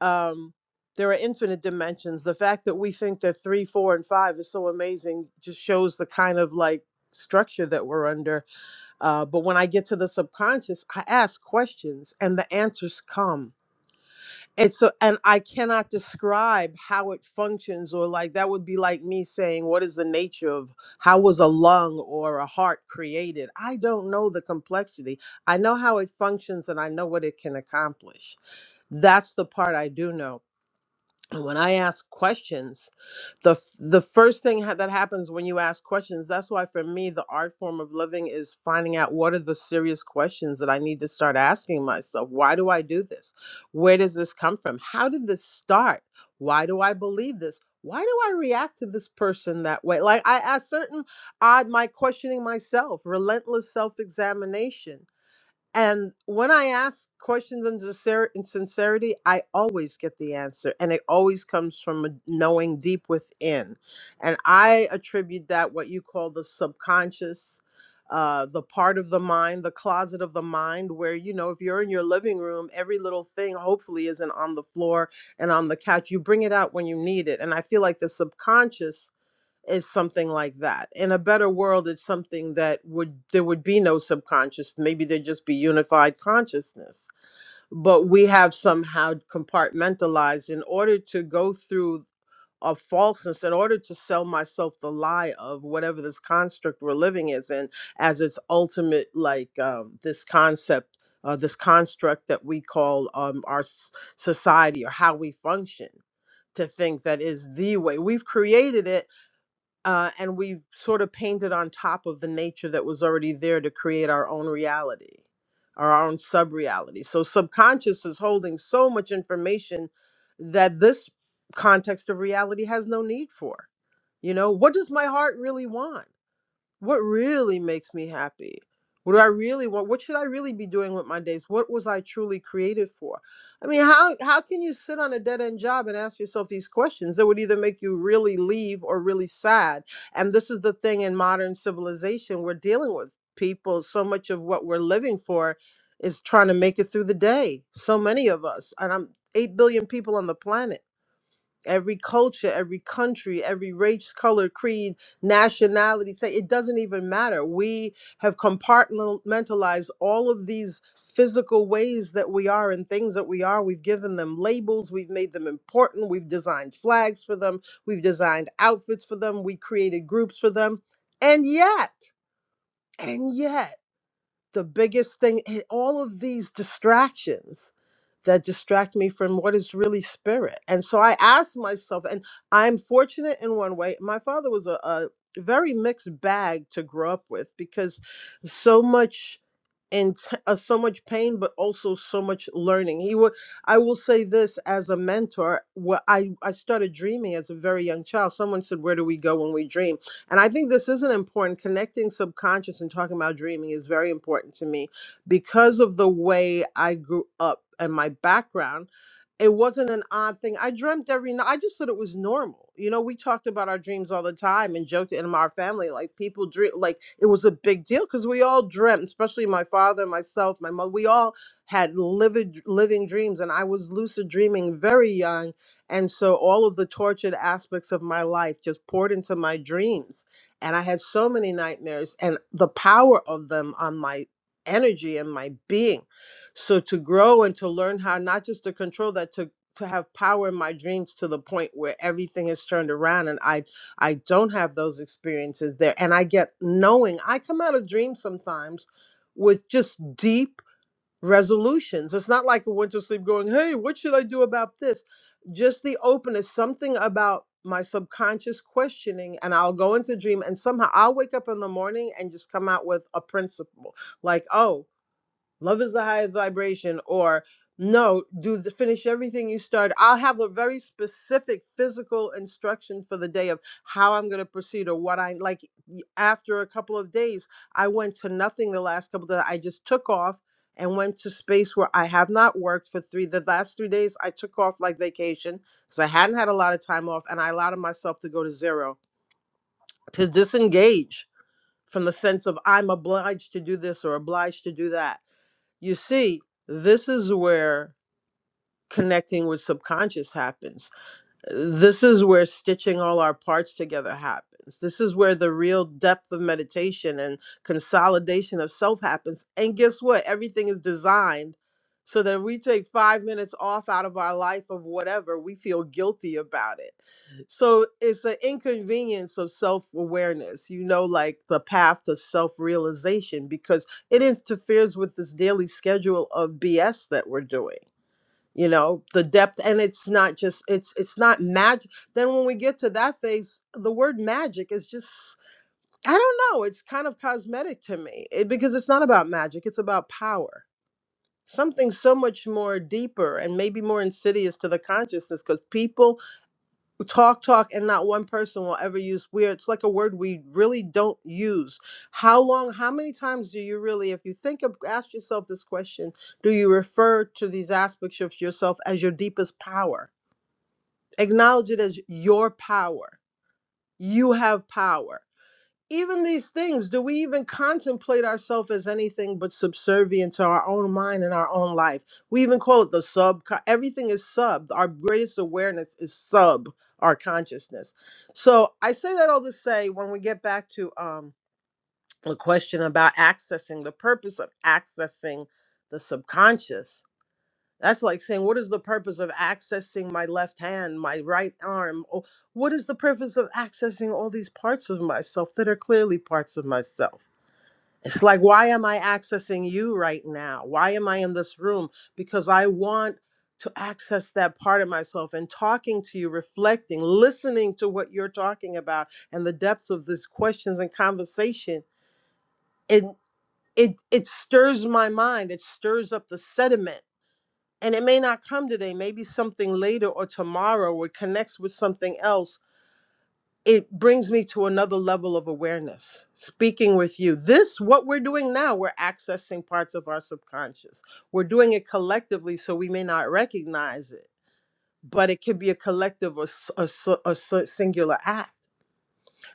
[SPEAKER 7] Um, there are infinite dimensions. The fact that we think that three, four, and five is so amazing just shows the kind of like structure that we're under uh, but when I get to the subconscious, I ask questions and the answers come. And so, and I cannot describe how it functions, or like that would be like me saying, What is the nature of how was a lung or a heart created? I don't know the complexity. I know how it functions and I know what it can accomplish. That's the part I do know and when I ask questions, the the first thing ha- that happens when you ask questions, that's why for me the art form of living is finding out what are the serious questions that I need to start asking myself. Why do I do this? Where does this come from? How did this start? Why do I believe this? Why do I react to this person that way? Like I ask certain odd my questioning myself, relentless self-examination and when I ask questions in, sincer- in sincerity, I always get the answer. And it always comes from a knowing deep within. And I attribute that what you call the subconscious, uh, the part of the mind, the closet of the mind, where, you know, if you're in your living room, every little thing hopefully isn't on the floor and on the couch. You bring it out when you need it. And I feel like the subconscious is something like that. In a better world, it's something that would there would be no subconscious. Maybe there'd just be unified consciousness. But we have somehow compartmentalized in order to go through a falseness, in order to sell myself the lie of whatever this construct we're living is in as its ultimate, like um, this concept. Uh, this construct that we call um, our s- society or how we function to think that is the way we've created it uh, and we sort of painted on top of the nature that was already there to create our own reality or our own sub reality. So, subconscious is holding so much information that this context of reality has no need for. You know, what does my heart really want? what really makes me happy what do i really want what should i really be doing with my days what was i truly created for i mean how how can you sit on a dead-end job and ask yourself these questions that would either make you really leave or really sad and this is the thing in modern civilization we're dealing with people so much of what we're living for is trying to make it through the day so many of us and i'm 8 billion people on the planet every culture, every country, every race, color, creed, nationality. Say it doesn't even matter. We have compartmentalized all of these physical ways that we are and things that we are. We've given them labels, we've made them important, we've designed flags for them, we've designed outfits for them, we created groups for them. And yet, and yet, the biggest thing and all of these distractions that distract me from what is really spirit and so i asked myself and i'm fortunate in one way my father was a, a very mixed bag to grow up with because so much and t- uh, so much pain but also so much learning he would i will say this as a mentor what i i started dreaming as a very young child someone said where do we go when we dream and i think this is an important connecting subconscious and talking about dreaming is very important to me because of the way i grew up and my background it wasn't an odd thing. I dreamt every night. I just thought it was normal. You know, we talked about our dreams all the time and joked in our family like people dream like it was a big deal because we all dreamt, especially my father, myself, my mother. We all had livid living dreams, and I was lucid dreaming very young, and so all of the tortured aspects of my life just poured into my dreams, and I had so many nightmares, and the power of them on my energy and my being so to grow and to learn how not just to control that to to have power in my dreams to the point where everything is turned around and I I don't have those experiences there and I get knowing I come out of dreams sometimes with just deep resolutions. It's not like a went to sleep going, "Hey, what should I do about this?" Just the openness something about my subconscious questioning and I'll go into dream and somehow I'll wake up in the morning and just come out with a principle like, "Oh, love is the highest vibration or no do the, finish everything you started i'll have a very specific physical instruction for the day of how i'm going to proceed or what i like y- after a couple of days i went to nothing the last couple that i just took off and went to space where i have not worked for three the last three days i took off like vacation because i hadn't had a lot of time off and i allowed myself to go to zero to disengage from the sense of i'm obliged to do this or obliged to do that you see, this is where connecting with subconscious happens. This is where stitching all our parts together happens. This is where the real depth of meditation and consolidation of self happens. And guess what? Everything is designed so that if we take five minutes off out of our life of whatever, we feel guilty about it. So it's an inconvenience of self awareness, you know, like the path to self realization, because it interferes with this daily schedule of BS that we're doing you know the depth and it's not just it's it's not magic then when we get to that phase the word magic is just i don't know it's kind of cosmetic to me it, because it's not about magic it's about power something so much more deeper and maybe more insidious to the consciousness because people talk talk and not one person will ever use weird it's like a word we really don't use how long how many times do you really if you think of ask yourself this question do you refer to these aspects of yourself as your deepest power acknowledge it as your power you have power even these things do we even contemplate ourselves as anything but subservient to our own mind and our own life we even quote the sub everything is sub our greatest awareness is sub our consciousness so i say that all to say when we get back to um the question about accessing the purpose of accessing the subconscious that's like saying, what is the purpose of accessing my left hand, my right arm? Or what is the purpose of accessing all these parts of myself that are clearly parts of myself? It's like, why am I accessing you right now? Why am I in this room? Because I want to access that part of myself and talking to you, reflecting, listening to what you're talking about and the depths of these questions and conversation. It it it stirs my mind. It stirs up the sediment and it may not come today maybe something later or tomorrow or it connects with something else it brings me to another level of awareness speaking with you this what we're doing now we're accessing parts of our subconscious we're doing it collectively so we may not recognize it but it could be a collective or, s- or s- or s- singular act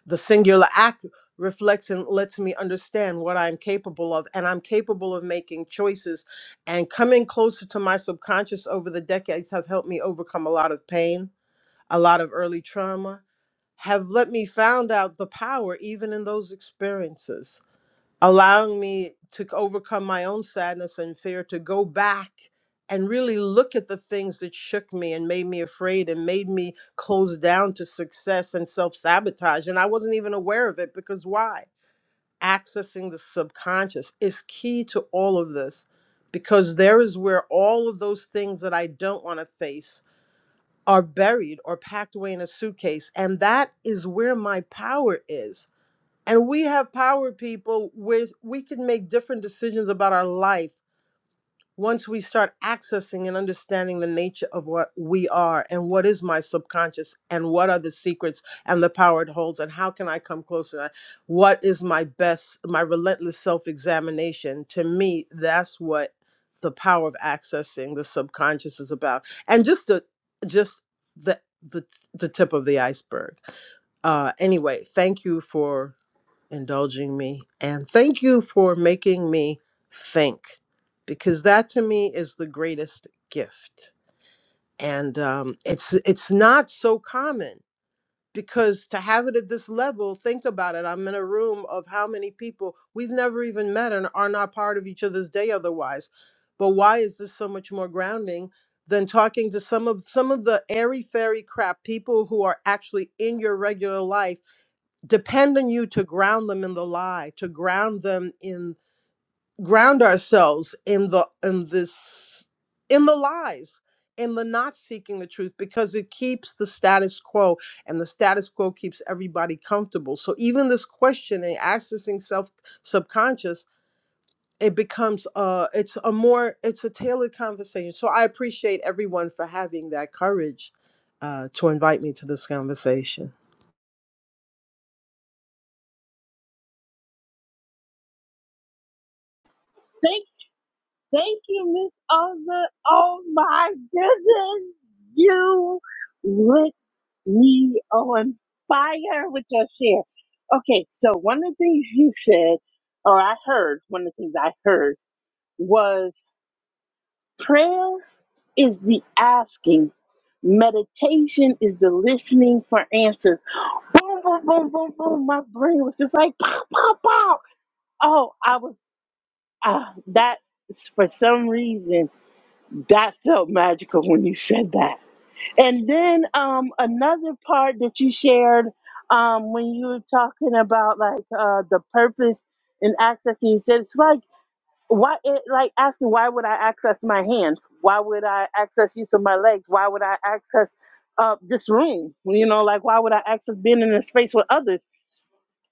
[SPEAKER 7] the singular act reflects and lets me understand what I'm capable of, and I'm capable of making choices. And coming closer to my subconscious over the decades have helped me overcome a lot of pain, a lot of early trauma, have let me found out the power even in those experiences allowing me to overcome my own sadness and fear to go back and really look at the things that shook me and made me afraid and made me close down to success and self sabotage. And I wasn't even aware of it because why? Accessing the subconscious is key to all of this because there is where all of those things that I don't want to face are buried or packed away in a suitcase. And that is where my power is and we have power people where we can make different decisions about our life once we start accessing and understanding the nature of what we are and what is my subconscious and what are the secrets and the power it holds and how can i come closer to that what is my best my relentless self-examination to me that's what the power of accessing the subconscious is about and just the just the the, the tip of the iceberg uh anyway thank you for indulging me. And thank you for making me think, because that to me is the greatest gift. And um, it's it's not so common because to have it at this level, think about it. I'm in a room of how many people we've never even met and are not part of each other's day otherwise. But why is this so much more grounding than talking to some of some of the airy fairy crap people who are actually in your regular life? depend on you to ground them in the lie to ground them in ground ourselves in the in this in the lies in the not seeking the truth because it keeps the status quo and the status quo keeps everybody comfortable so even this questioning accessing self subconscious it becomes uh it's a more it's a tailored conversation so i appreciate everyone for having that courage uh, to invite me to this conversation
[SPEAKER 2] Thank, thank you, Miss Olga. Oh my goodness, you lit me on fire with your share. Okay, so one of the things you said, or I heard, one of the things I heard was Prayer is the asking. Meditation is the listening for answers. Boom, boom, boom, boom, boom. My brain was just like pow, pow, pow. Oh, I was uh, that for some reason that felt magical when you said that. And then um, another part that you shared um, when you were talking about like uh, the purpose and access, and you said it's like why it like ask me why would i access my hands why would i access use of my legs why would i access uh this room you know like why would i access being in a space with others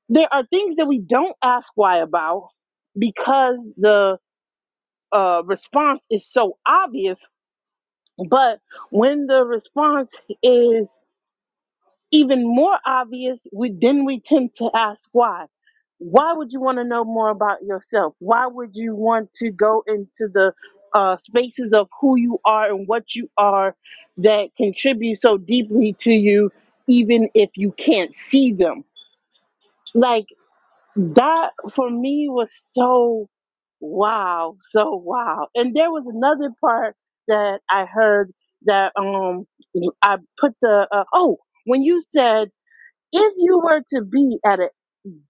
[SPEAKER 2] there are things that we don't ask why about because the uh response is so obvious but when the response is even more obvious, we then we tend to ask why. Why would you want to know more about yourself? Why would you want to go into the uh, spaces of who you are and what you are that contribute so deeply to you, even if you can't see them? Like that for me was so wow, so wow. And there was another part that I heard that um I put the uh, oh when you said if you were to be at a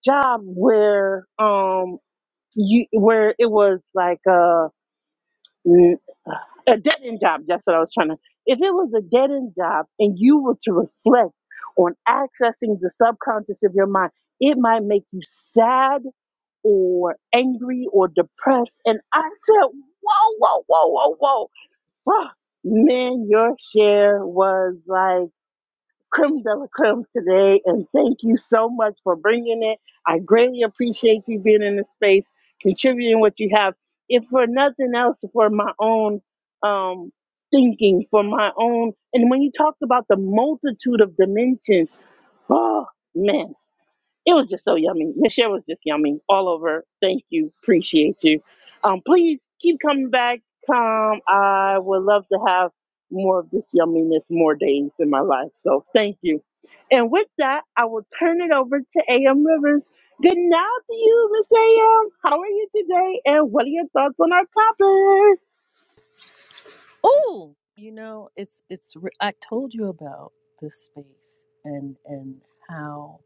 [SPEAKER 2] job where um you where it was like a a dead end job, that's what I was trying to. If it was a dead end job and you were to reflect on accessing the subconscious of your mind, it might make you sad or angry or depressed. And I said, whoa, whoa, whoa, whoa, whoa, man, your share was like creme de la creme today, and thank you so much for bringing it. I greatly appreciate you being in the space, contributing what you have. If for nothing else, for my own um, thinking, for my own, and when you talked about the multitude of dimensions, oh man. It was just so yummy. Michelle was just yummy all over. Thank you. Appreciate you. Um, please keep coming back. Come. I would love to have more of this yumminess more days in my life. So thank you. And with that, I will turn it over to AM Rivers. Good night to you, Miss AM. How are you today? And what are your thoughts on our topic?
[SPEAKER 8] Oh, you know, it's it's. re- I told you about this space and and how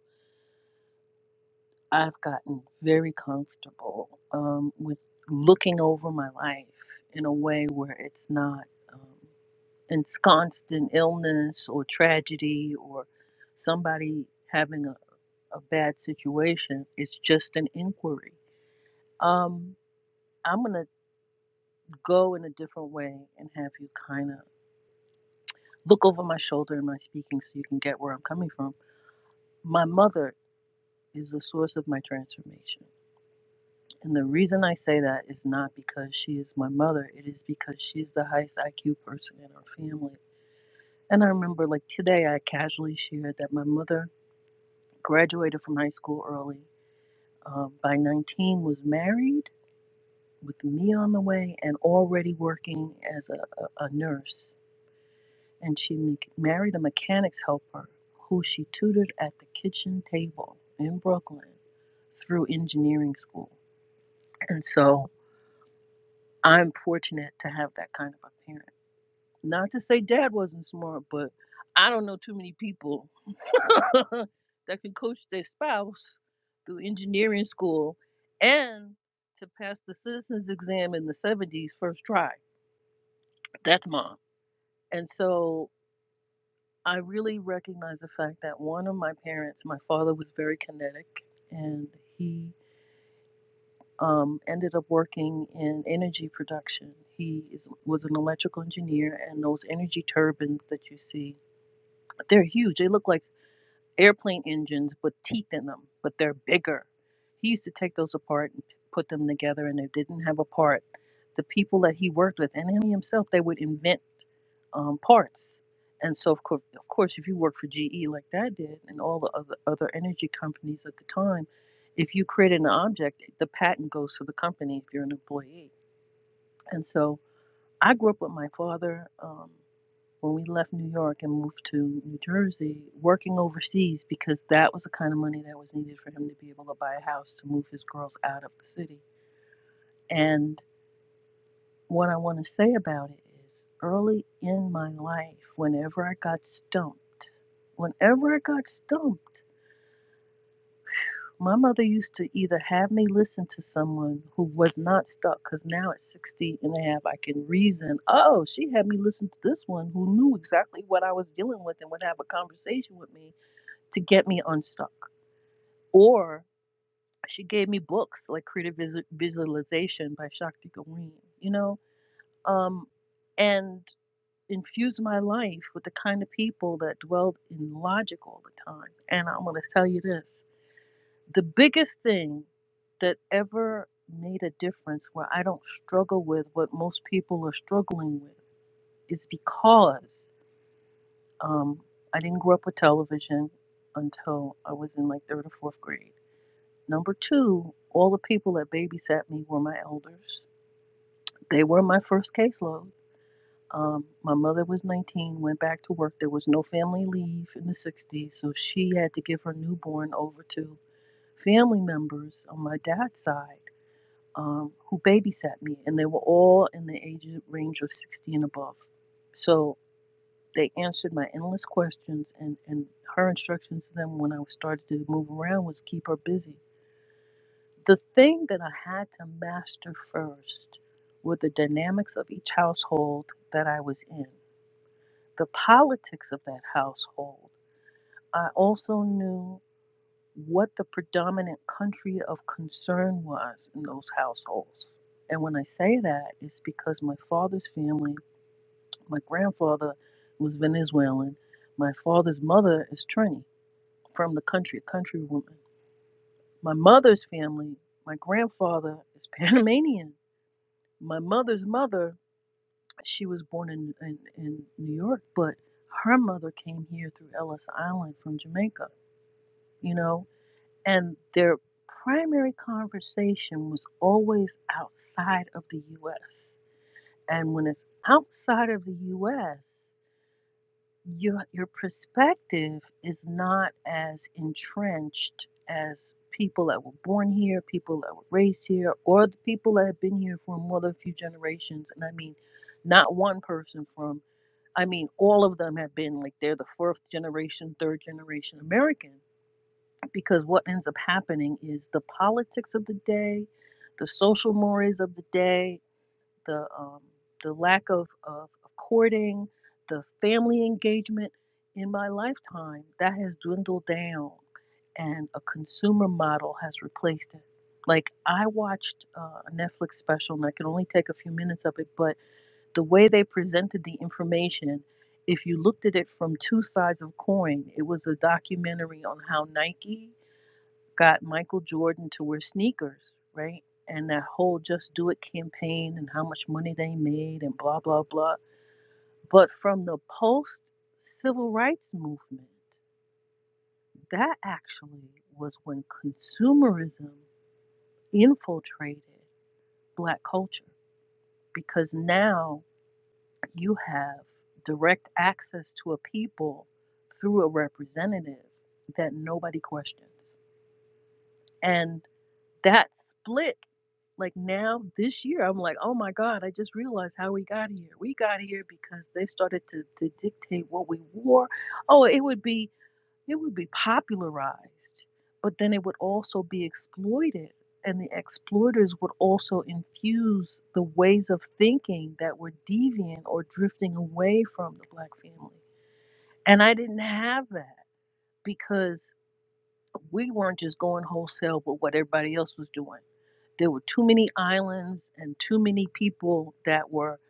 [SPEAKER 8] I've gotten very comfortable um, with looking over my life in a way where it's not um, ensconced in illness or tragedy or somebody having a, a bad situation. It's just an inquiry. Um, I'm gonna go in a different way and have you kind of look over my shoulder in my speaking so you can get where I'm coming from My mother is the source of my transformation. And the reason I say that is not because she is my mother, it is because she's the highest IQ person in our family. And I remember, like today, I casually shared that my mother graduated from high school early, um, by 19, was married with me on the way, and already working as a, a, a nurse. And she m- married a mechanics helper who she tutored at the kitchen table in Brooklyn through engineering school. And so I'm fortunate to have that kind of a parent. Not to say dad wasn't smart, but I don't know too many people that can coach their spouse through engineering school and to pass the citizens exam in the 70s first try. That's mom. And so I really recognize the fact that one of my parents, my father was very kinetic and he um, ended up working in energy production. He is, was an electrical engineer, and those energy turbines that you see, they're huge. They look like airplane engines with teeth in them, but they're bigger. He used to take those apart and put them together, and they didn't have a part. The people that he worked with, and him himself, they would invent um, parts. And so, of course, of course, if you work for GE like that did, and all the other, other energy companies at the time, if you created an object, the patent goes to the company if you're an employee. And so, I grew up with my father. Um, when we left New York and moved to New Jersey, working overseas because that was the kind of money that was needed for him to be able to buy a house to move his girls out of the city. And what I want to say about it is early in my life, whenever I got stumped, whenever I got stumped, my mother used to either have me listen to someone who was not stuck, because now at 60 and a half I can reason. Oh, she had me listen to this one who knew exactly what I was dealing with and would have a conversation with me to get me unstuck. Or she gave me books like Creative Visualization by Shakti Gawain, you know, um, and infused my life with the kind of people that dwelled in logic all the time. And I'm going to tell you this the biggest thing that ever made a difference where I don't struggle with what most people are struggling with is because um, I didn't grow up with television until I was in like third or fourth grade. Number two, all the people that babysat me were my elders. They were my first caseload. Um, my mother was 19, went back to work. There was no family leave in the 60s, so she had to give her newborn over to family members on my dad's side um, who babysat me, and they were all in the age range of 60 and above. So they answered my endless questions, and, and her instructions to them when I started to move around was keep her busy The thing that I had to master first were the dynamics of each household that I was in, the politics of that household. I also knew what the predominant country of concern was in those households. And when I say that, it's because my father's family, my grandfather was Venezuelan, my father's mother is Trini from the country, a country woman. My mother's family, my grandfather is Panamanian My mother's mother, she was born in, in, in New York, but her mother came here through Ellis Island from Jamaica, you know, and their primary conversation was always outside of the US. And when it's outside of the US, your your perspective is not as entrenched as people that were born here, people that were raised here, or the people that have been here for more than a few generations. And I mean, not one person from I mean, all of them have been like they're the fourth generation, third generation American. Because what ends up happening is the politics of the day, the social mores of the day, the um, the lack of, of of courting, the family engagement in my lifetime that has dwindled down, and a consumer model has replaced it. Like I watched uh, a Netflix special, and I can only take a few minutes of it, but the way they presented the information, if you looked at it from two sides of coin, it was a documentary on how Nike got Michael Jordan to wear sneakers, right? And that whole Just Do It campaign and how much money they made and blah, blah, blah. But from the post civil rights movement, that actually was when consumerism infiltrated black culture because now you have direct access to a people through a representative that nobody questions. And that split Like now, this year, I'm like, oh my God, I just realized how we got here. We got here because they started to, to dictate what we wore. Oh, it would be it would be popularized, but then it would also be exploited. And the exploiters would also infuse the ways of thinking that were deviant or drifting away from the black family. And I didn't have that because we weren't just going wholesale with what everybody else was doing. There were too many islands and too many people that were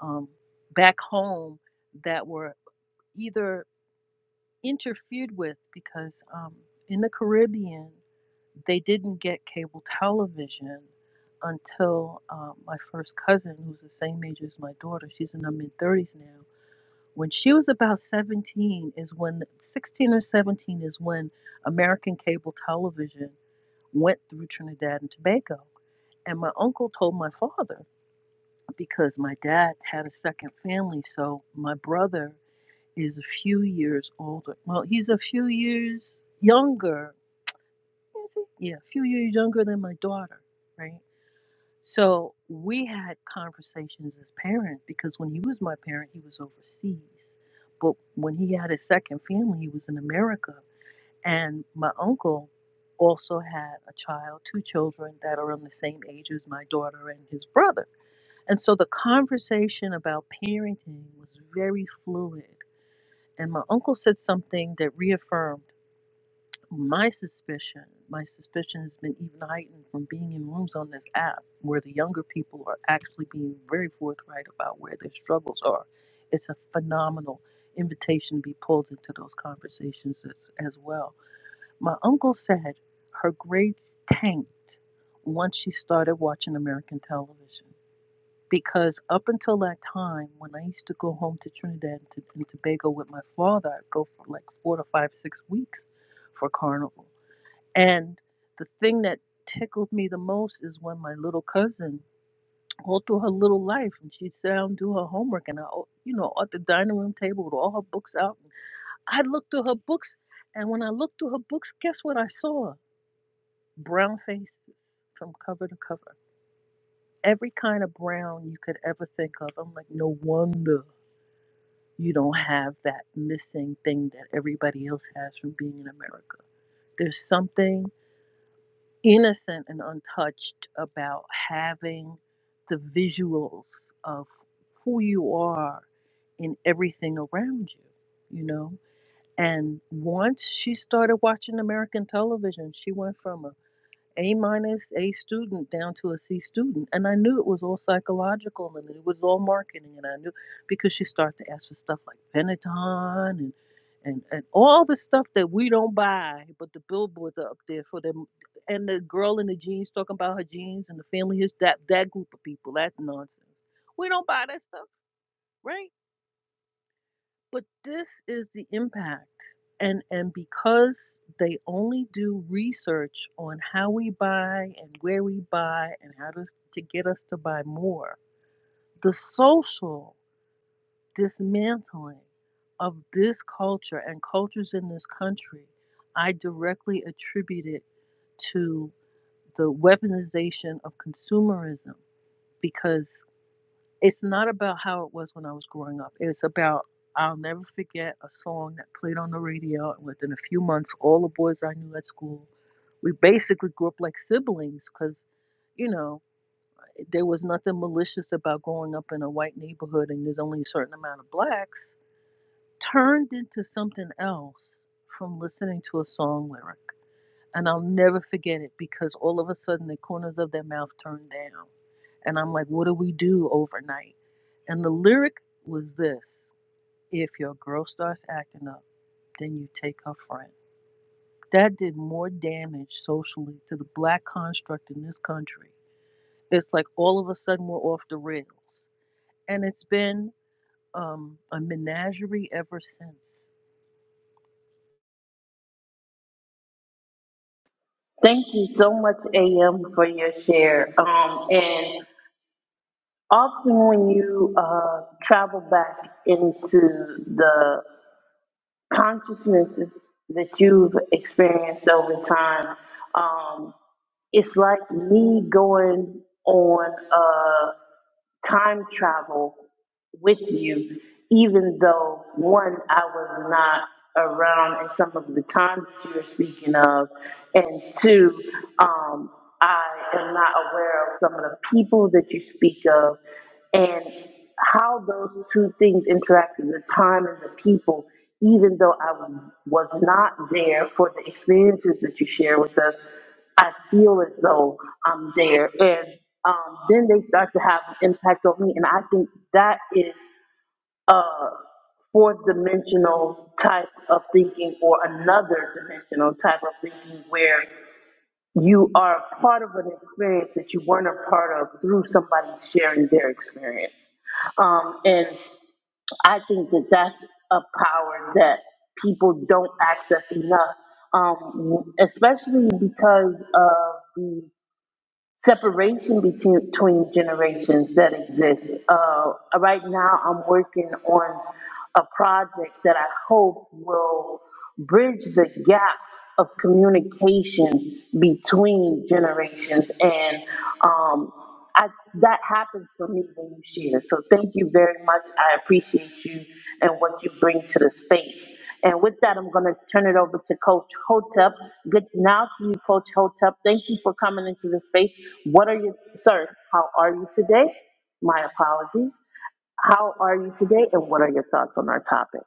[SPEAKER 8] um, back home that were either interfered with because um, in the Caribbean they didn't get cable television until um, my first cousin, who's the same age as my daughter, she's in her mid 30s now. When she was about 17, is when 16 or 17 is when American cable television went through Trinidad and Tobago. And my uncle told my father, because my dad had a second family. So my brother is a few years older. Well, he's a few years younger. Yeah, a few years younger than my daughter, right? So we had conversations as parents because when he was my parent, he was overseas. But when he had his second family, he was in America. And my uncle also had a child, two children that are on the same age as my daughter and his brother. And so the conversation about parenting was very fluid. And my uncle said something that reaffirmed my suspicion. My suspicion has been even heightened from being in rooms on this app where the younger people are actually being very forthright about where their struggles are. It's a phenomenal invitation to be pulled into those conversations as, as well. My uncle said her grades tanked once she started watching American television because up until that time, when I used to go home to Trinidad and, to, and Tobago with my father, I'd go for like four to five, six weeks for carnival. And the thing that tickled me the most is when my little cousin, all through her little life, and she'd sit down and do her homework, and I, you know, at the dining room table with all her books out. I looked through her books, and when I looked through her books, guess what I saw? Brown faces from cover to cover. Every kind of brown you could ever think of. I'm like, no wonder you don't have that missing thing that everybody else has from being in America. There's something innocent and untouched about having the visuals of who you are in everything around you, you know? And once she started watching American television, she went from a a minus, A student down to a C student. And I knew it was all psychological and it was all marketing. And I knew because she started to ask for stuff like Pentaton and, and, and all the stuff that we don't buy, but the billboards are up there for them. And the girl in the jeans talking about her jeans and the family, is that, that group of people, that nonsense. We don't buy that stuff, right? But this is the impact. And and because they only do research on how we buy and where we buy and how to, to get us to buy more, the social dismantling of this culture and cultures in this country, I directly attribute it to the weaponization of consumerism because it's not about how it was when I was growing up. It's about I'll never forget a song that played on the radio, and within a few months, all the boys I knew at school, we basically grew up like siblings because, you know, there was nothing malicious about growing up in a white neighborhood and there's only a certain amount of blacks. Turned into something else from listening to a song lyric. And I'll never forget it because all of a sudden the corners of their mouth turned down. And I'm like, what do we do overnight? And the lyric was this If your girl starts acting up, then you take her friend. That did more damage socially to the black construct in this country. It's like all of a sudden we're off the rails. And it's been um, a menagerie ever since.
[SPEAKER 2] Thank you so much, AM, for your share. Um, and Often when you uh, travel back into the consciousnesses that you've experienced over time, um, it's like me going on. uh, time travel with you, even though one, I was not around at some of the times that you're speaking of, and two, um, I am not aware of some of the people that you speak of, and how those two things interact the time and the people even though I was not there for the experiences that you share with us, I feel as though I'm there. And um, then they start to have an impact on me. And I think that is a fourth dimensional type of thinking or another dimensional type of thinking where you are a part of an experience that you weren't a part of through somebody sharing their experience. Um, and I think that that's a power that people don't access enough, um, especially because of the separation between, between generations that exists. Uh, right now, I'm working on a project that I hope will bridge the gap of communication between generations, and um, I, that happens for me when you share. So, thank you very much. I appreciate you and what you bring to the space. And with that, I'm going to turn it over to Coach Hotep. Good now to you, Coach Hotep. Thank you for coming into the space. What are you, sir? How are you today? My apologies. How are you today? And what are your thoughts on our topic?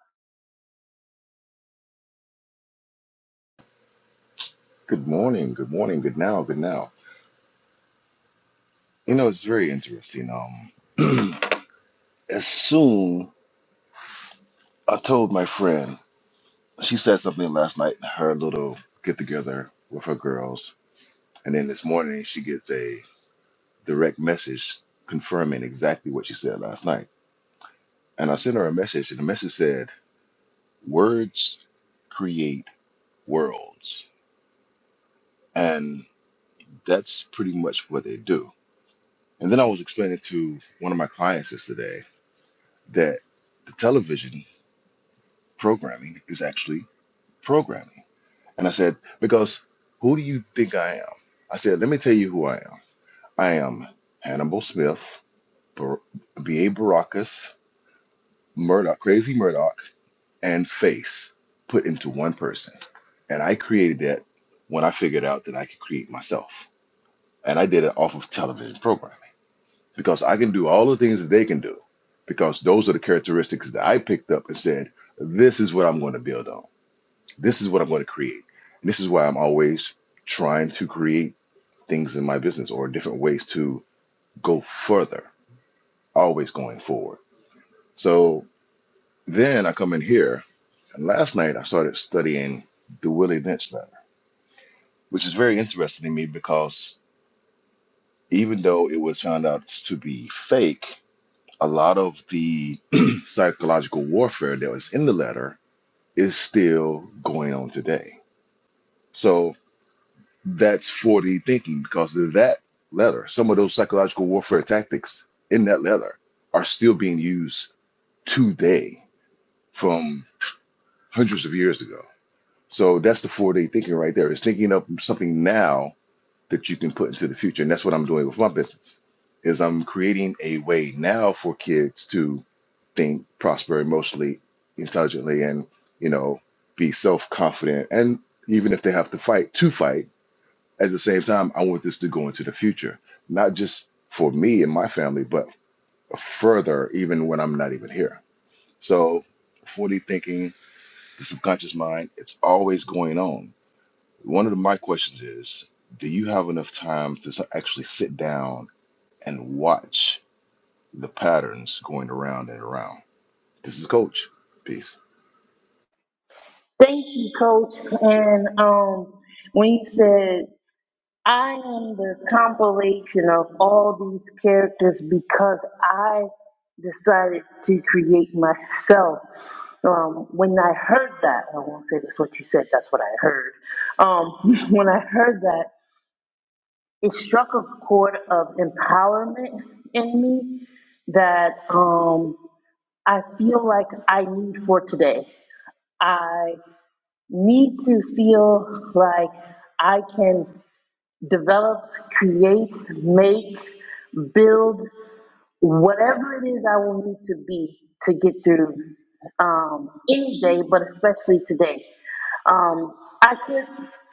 [SPEAKER 9] Good morning, good morning, good now, good now. You know, it's very interesting. Um, as soon I told my friend, she said something last night in her little get together with her girls, and then this morning she gets a direct message confirming exactly what she said last night. And I sent her a message, and the message said, "Words create worlds," and that's pretty much what they do. And then I was explaining to one of my clients yesterday that the television programming is actually programming. And I said, because who do you think I am? I said, let me tell you who I am. I am Hannibal Smith, Bar- B.A. Baracus, Murdoch, Crazy Murdoch, and Face put into one person. And I created that when I figured out that I could create myself. And I did it off of television programming because I can do all the things that they can do because those are the characteristics that I picked up and said, this is what I'm going to build on This is what I'm going to create. And this is why I'm always trying to create things in my business or different ways to go further, always going forward. So then I come in here, and last night I started studying the Willie Lynch letter, which is very interesting to me because even though it was found out to be fake, a lot of the psychological warfare that was in the letter is still going on today. So. That's 4D thinking because of that letter, some of those psychological warfare tactics in that letter are still being used today from hundreds of years ago. So that's the 4D thinking right there. It's thinking of something now that you can put into the future. And that's what I'm doing with my business is I'm creating a way now for kids to think, prosper emotionally, intelligently, and, you know, be self-confident. And even if they have to fight, to fight at the same time, I want this to go into the future, not just for me and my family, but further, even when I'm not even here. So, 40 thinking, the subconscious mind, it's always going on. One of the- my questions is Do you have enough time to s- actually sit down and watch the patterns going around and around? This is Coach. Peace.
[SPEAKER 2] When you said, I am the compilation of all these characters because I decided to create myself. Um, when I heard that, I won't say that's what you said, that's what I heard. Um, when I heard that, it struck a chord of empowerment in me that um, I feel like I need for today. I need to feel like I can develop, create, make, build, whatever it is I will need to be to get through um, any day, but especially today. Um, I could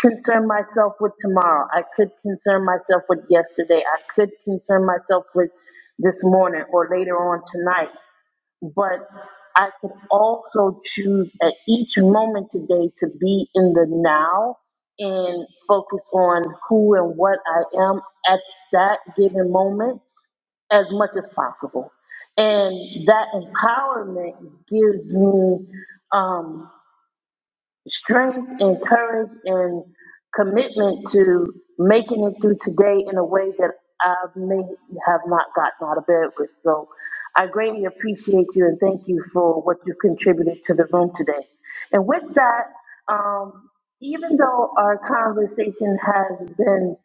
[SPEAKER 2] concern myself with tomorrow. I could concern myself with yesterday. I could concern myself with this morning or later on tonight but I can also choose at each moment today to be in the now and focus on who and what I am at that given moment as much as possible. And that empowerment gives me um, strength and courage and commitment to making it through today in a way that I may have not gotten out of bed with. So I greatly appreciate you and thank you for what you've contributed to the room today. And with that, um, even though our conversation has been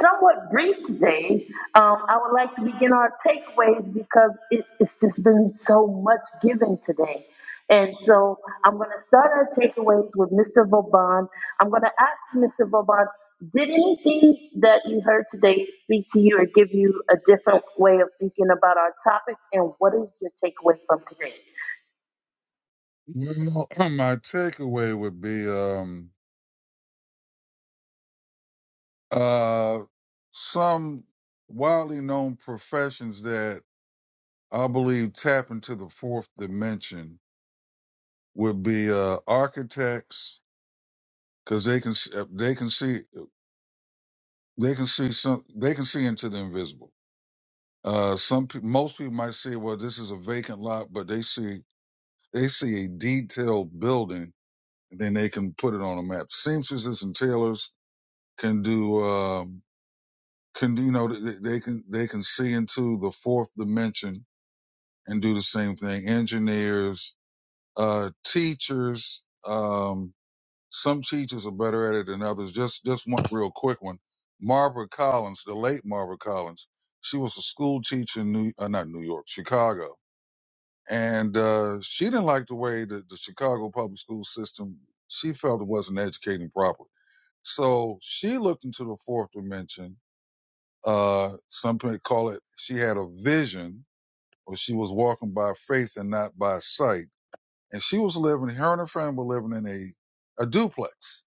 [SPEAKER 2] somewhat brief today, um, I would like to begin our takeaways because it, it's just been so much given today. And so I'm going to start our takeaways with Mr. Vauban. I'm going to ask Mr. Vauban, did anything that you heard today speak to you or give you a different way of thinking about our topic? And what is your takeaway from today?
[SPEAKER 1] there. Well, my takeaway would be, um, Uh, some widely known professions that I believe tap into the fourth dimension would be uh, architects because they can s- uh, they can see they can see some they can see into the invisible. Uh, some peo- most people might say, well, this is a vacant lot, but they see they see a detailed building, and then they can put it on a map. Seamstresses and tailors can do um, can do you know they, they can they can see into the fourth dimension and do the same thing. Engineers, uh, teachers, um, some teachers are better at it than others. Just, just one real quick one. Marva Collins, the late Marva Collins, she was a school teacher in New, uh, not New York, Chicago. And, uh, she didn't like the way that the Chicago public school system, she felt it wasn't educating properly. So she looked into the fourth dimension. Uh, some people call it, she had a vision or she was walking by faith and not by sight and she was living. Her and her friend were living in a a duplex.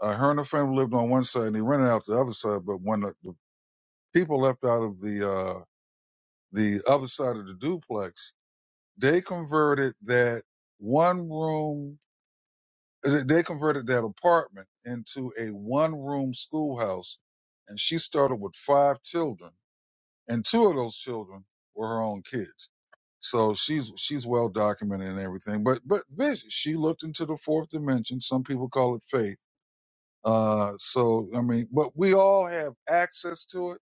[SPEAKER 1] Uh, her and her friend lived on one side, and they rented out the other side. But when the, the people left out of the uh, the other side of the duplex, they converted that one room. uh, They converted that apartment into a one room schoolhouse, and she started with five children and two of those children were her own kids. So she's she's well documented and everything. But but vision, she looked into the fourth dimension. Some people call it faith. Uh, so I mean, but we all have access to it.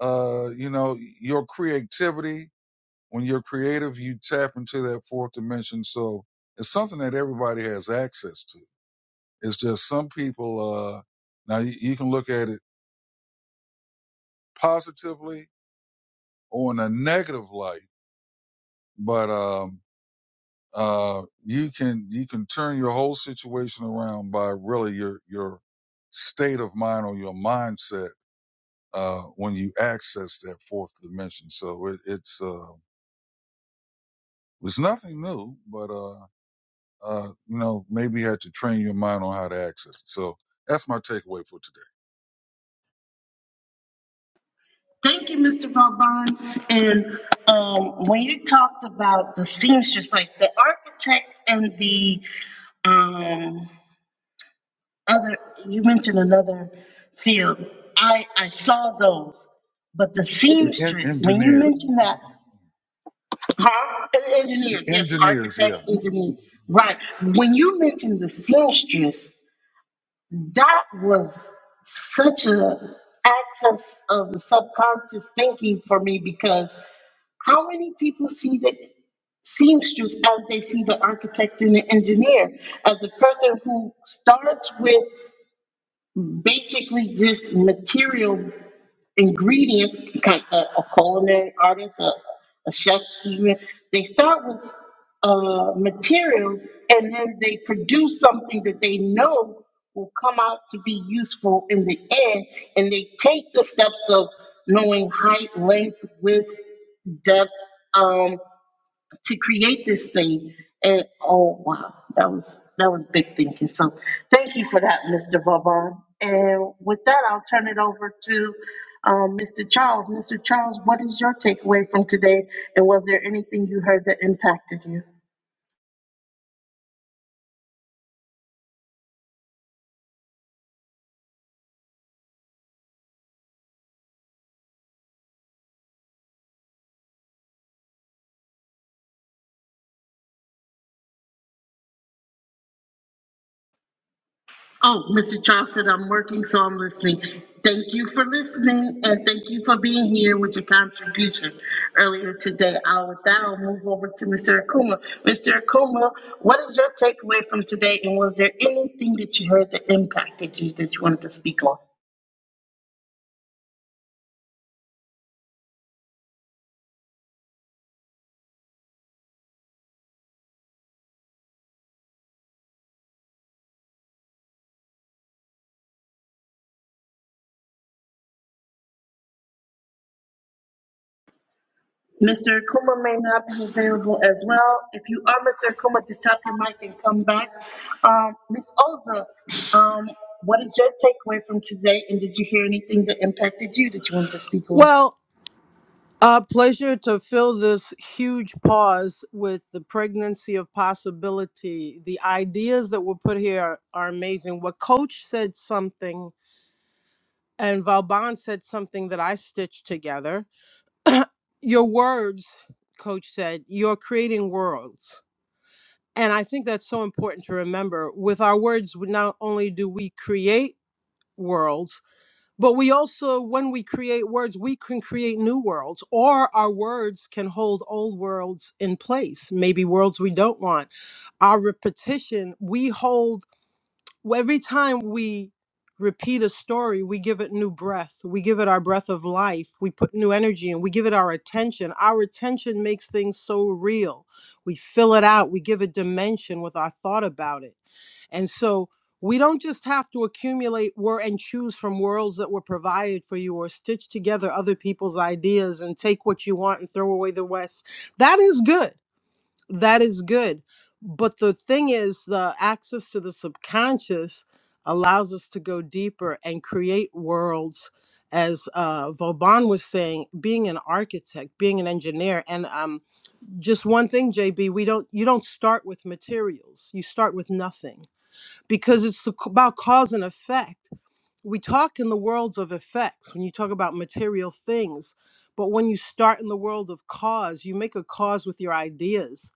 [SPEAKER 1] Uh, you know, your creativity. When you're creative, you tap into that fourth dimension. So it's something that everybody has access to. It's just some people. Uh, now you, you can look at it positively or in a negative light, but um, uh, you can you can turn your whole situation around by really your your state of mind or your mindset uh, when you access that fourth dimension. So it, it's uh, it's nothing new, but uh, uh, you know maybe you had to train your mind on how to access it. So that's my takeaway for today.
[SPEAKER 2] Thank you, Mr. Vauban. And um, when you talked about the seamstress, like the architect and the um, other, you mentioned another field. I, I saw those, but the
[SPEAKER 1] The en-
[SPEAKER 2] seamstress, when you
[SPEAKER 1] engineers,
[SPEAKER 2] mentioned that, huh? And
[SPEAKER 1] the
[SPEAKER 2] engineers, yes,
[SPEAKER 1] engineers, yeah.
[SPEAKER 2] architects, engineers, right. When you mentioned the seamstress, that was such a access of the subconscious thinking for me because how many people see the seamstress as they see the architect and the engineer as a person who starts with basically just material ingredients, like a, a culinary artist, a, a chef even, they start with uh, materials and then they produce something that they know will come out to be useful in the end. And they take the steps of knowing height, length, width, depth. Um, to create this thing. And oh wow, that was that was big thinking. So thank you for that, Mr. Vaughn. And with that, I'll turn it over to um, Mr. Charles. Mr. Charles, what is your takeaway from today? And was there anything you heard that impacted you? Oh, Mr. Charleston, I'm working, so I'm listening. Thank you for listening and thank you for being here with your contribution earlier today. I'll, with that, I'll move over to Mr. Akuma. Mr. Akuma, what is your takeaway from today and was there anything that you heard that impacted you that you wanted to speak on? Mr. Kuma may not be available as well. If you are Mr. Kuma, just tap your mic and come back. Um, Ms. Olza, um, what is your takeaway from today? And did you hear anything that impacted you that you wanted to speak on?
[SPEAKER 7] well A pleasure to fill this huge pause with the pregnancy of possibility. The ideas that were put here are amazing. What Coach said something, and Valban said something that I stitched together. your words, Coach said, you're creating worlds. And I think that's so important to remember. With our words, we- not only do we create worlds, but we also, when we create words, we can create new worlds, or our words can hold old worlds in place, maybe worlds we don't want. Our repetition, we hold, well, every time we repeat a story, we give it new breath. We give it our breath of life. We put new energy in. We give it our attention. Our attention makes things so real. We fill it out, we give it dimension with our thought about it. And so we don't just have to accumulate wor- and choose from worlds that were provided for you or stitch together other people's ideas and take what you want and throw away the West. That is good. That is good. But the thing is, the access to the subconscious allows us to go deeper and create worlds. As uh, Vauban was saying, being an architect, being an engineer, and um, just one thing, JB, we don't you don't start with materials. You start with nothing because it's the, about cause and effect. We talk in the worlds of effects when you talk about material things, but when you start in the world of cause, you make a cause with your ideas.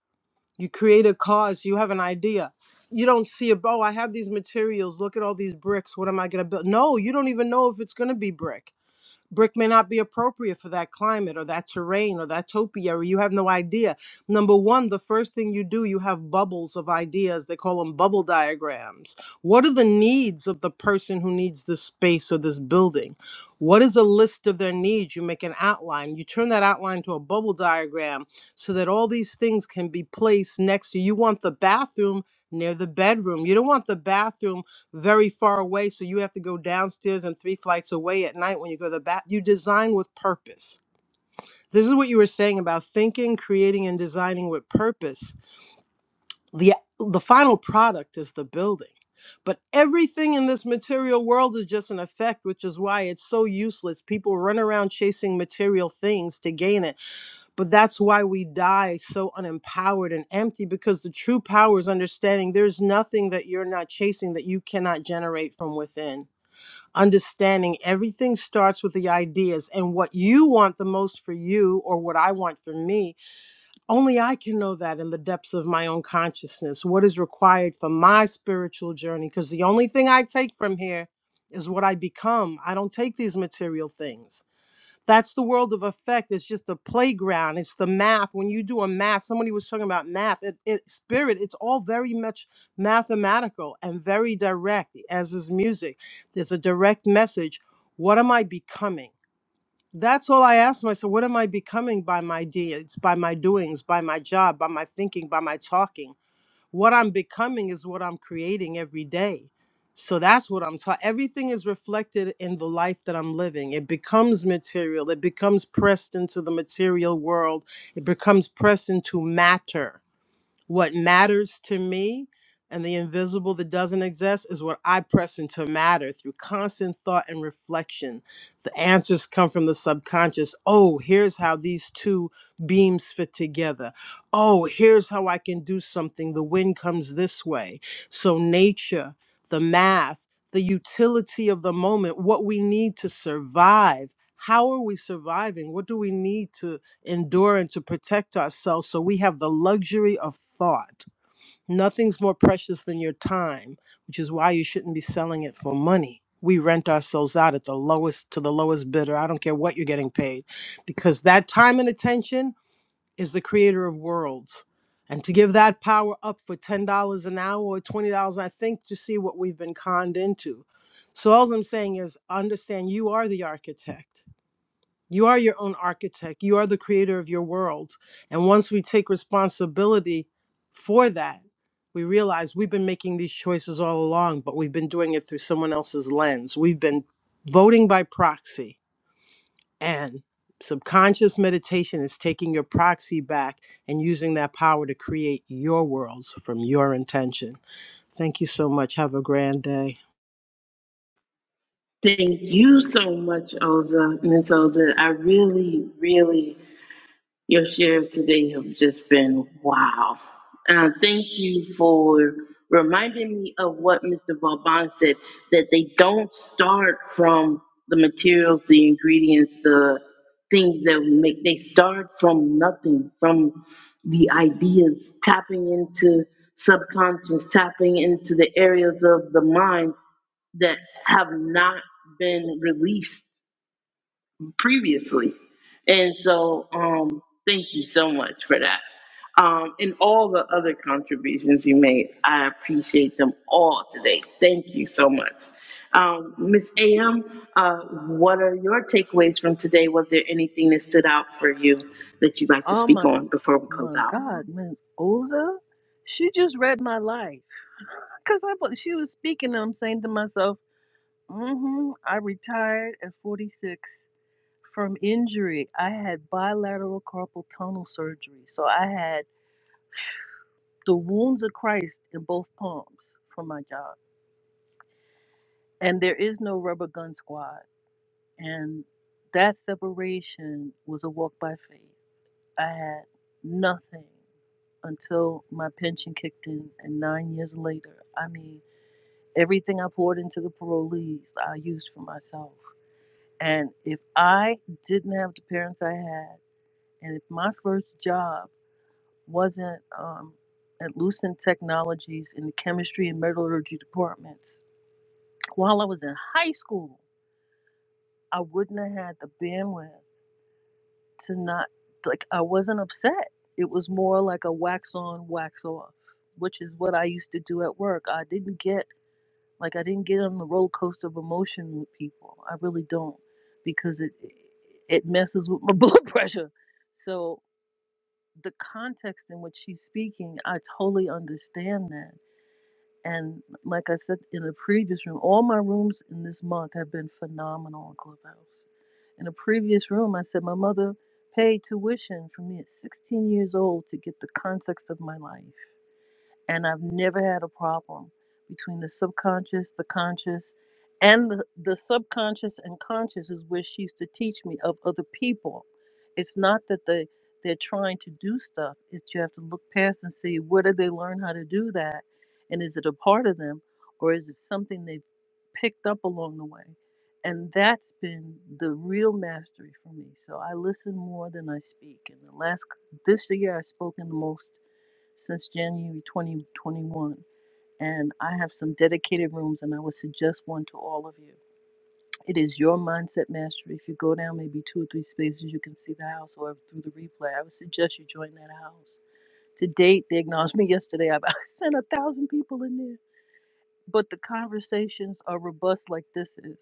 [SPEAKER 7] You create a cause, you have an idea. You don't see a, oh, I have these materials, look at all these bricks, what am I going to build? No, you don't even know if it's going to be brick. Brick may not be appropriate for that climate or that terrain or that topiary. You have no idea. Number one, the first thing you do, you have bubbles of ideas. They call them bubble diagrams. What are the needs of the person who needs this space or this building? What is a list of their needs? You make an outline. You turn that outline to a bubble diagram so that all these things can be placed next to you. You want the bathroom near the bedroom. You don't want the bathroom very far away, so you have to go downstairs and three flights away at night when you go to the bath. You design with purpose. This is what you were saying about thinking, creating, and designing with purpose. The, the final product is the building. But everything in this material world is just an effect, which is why it's so useless. People run around chasing material things to gain it. But that's why we die so unempowered and empty because the true power is understanding there's nothing that you're not chasing that you cannot generate from within understanding everything starts with the ideas and what you want the most for you or what I want for me. Only I can know that in the depths of my own consciousness, what is required for my spiritual journey. Because the only thing I take from here is what I become. I don't take these material things. That's the world of effect. It's just a playground. It's the math. When you do a math, somebody was talking about math. It, it spirit. It's all very much mathematical and very direct, as is music. There's a direct message. What am I becoming? That's all I ask myself. What am I becoming by my deeds, by my doings, by my job, by my thinking, by my talking? What I'm becoming is what I'm creating every day. So that's what I'm taught. Everything is reflected in the life that I'm living. It becomes material. It becomes pressed into the material world. It becomes pressed into matter what matters to me and the invisible that doesn't exist is what I press into matter through constant thought and reflection. The answers come from the subconscious. Oh, here's how these two beams fit together. Oh, here's how I can do something. The wind comes this way. So, nature, the math, the utility of the moment, what we need to survive. How are we surviving? What do we need to? endure and to protect ourselves. So we have the luxury of thought. Nothing's more precious than your time, which is why you shouldn't be selling it for money. We rent ourselves out at the lowest to the lowest bidder. I don't care what you're getting paid because that time and attention is the creator of worlds. And to give that power up for $10 an hour or $20, I think to see what we've been conned into. So all I'm saying is understand you are the architect you are your own architect. You are the creator of your world. And once we take responsibility for that, we realize we've been making these choices all along, but we've been doing it through someone else's lens. We've been voting by proxy. And subconscious meditation is taking your proxy back and using that power to create your worlds from your intention. Thank you so much. Have a grand day.
[SPEAKER 2] so much so that I really, really, and wow. Uh, the Romans said that don't start from the materials, the ingredients, the things that we make. They start from nothing, from the ideas, tapping into subconscious, tapping into the areas of the mind that have not been released previously. And so, um, thank you so much for that. Um, and all the other contributions you made, I appreciate them all today. Thank you so much. Um, Ms. AM, uh, what are your takeaways from today? Was there anything that stood out for you that you'd like to
[SPEAKER 8] Oh
[SPEAKER 2] speak
[SPEAKER 8] my,
[SPEAKER 2] on before we close
[SPEAKER 8] my
[SPEAKER 2] out?
[SPEAKER 8] God, Ms. Oza, she just read my life. Cause I was, she was speaking. and I'm saying to myself, mm-hmm, I retired at 46 from injury. I had bilateral carpal tunnel surgery, so I had the wounds of Christ in both palms from my job. And there is no rubber gun squad. And that separation was a walk by faith. I had nothing until my pension kicked in, and nine years later, I mean, everything I poured into the parolees, I used for myself. And if I didn't have the parents I had, and if my first job wasn't um, at Lucent Technologies in the chemistry and metallurgy departments, while I was in high school, I wouldn't have had the bandwidth to not, like, I wasn't upset. It was more like a wax on, wax off, which is what I used to do at work. I didn't get Like I didn't get on the roller coaster of emotion with people. I really don't because it it messes with my blood pressure. So the context in which she's speaking, I totally understand that. And like I said in the previous room, all my rooms in this month have been phenomenal on Clubhouse. In a previous room, I said my mother paid tuition for me at 16 years old to get the context of my life and I've never had a problem between the subconscious, the conscious, and the, the subconscious and conscious is where she used to teach me of other people. It's not that they they're trying to do stuff. It's you have to look past and see where did they learn how to do that, and is it a part of them, or is it something they've picked up along the way? And that's been the real mastery for me. So I listen more than I speak. And the last this year I've spoken the most since January 2021, and I have some dedicated rooms, and I would suggest one to all of you. It is your mindset mastery. If you go down maybe two or three spaces, you can see the house or through the replay. I would suggest you join that house. To date, they acknowledged me yesterday. I've I sent a thousand people in there, but the conversations are robust like this is.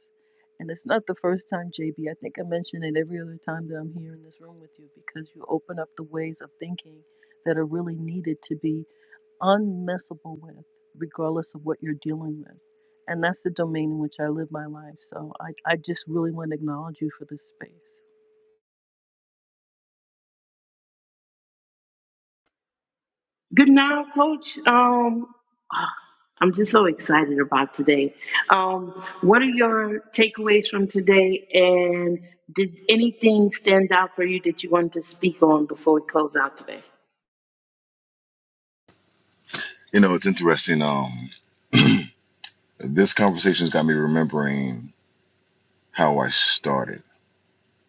[SPEAKER 8] And it's not the first time, JB. I think I mention it every other time that I'm here in this room with you because you open up the ways of thinking that are really needed to be unmessable with, regardless of what you're dealing with. And that's the domain in which I live my life. So I, I just really want to acknowledge you for this space.
[SPEAKER 2] Good now, Coach. Um, I'm just so excited about today. Um, what are your takeaways from today? And did anything stand out for you that you wanted to speak on before we close out today?
[SPEAKER 9] You know, it's interesting. Um, this conversation's got me remembering how I started.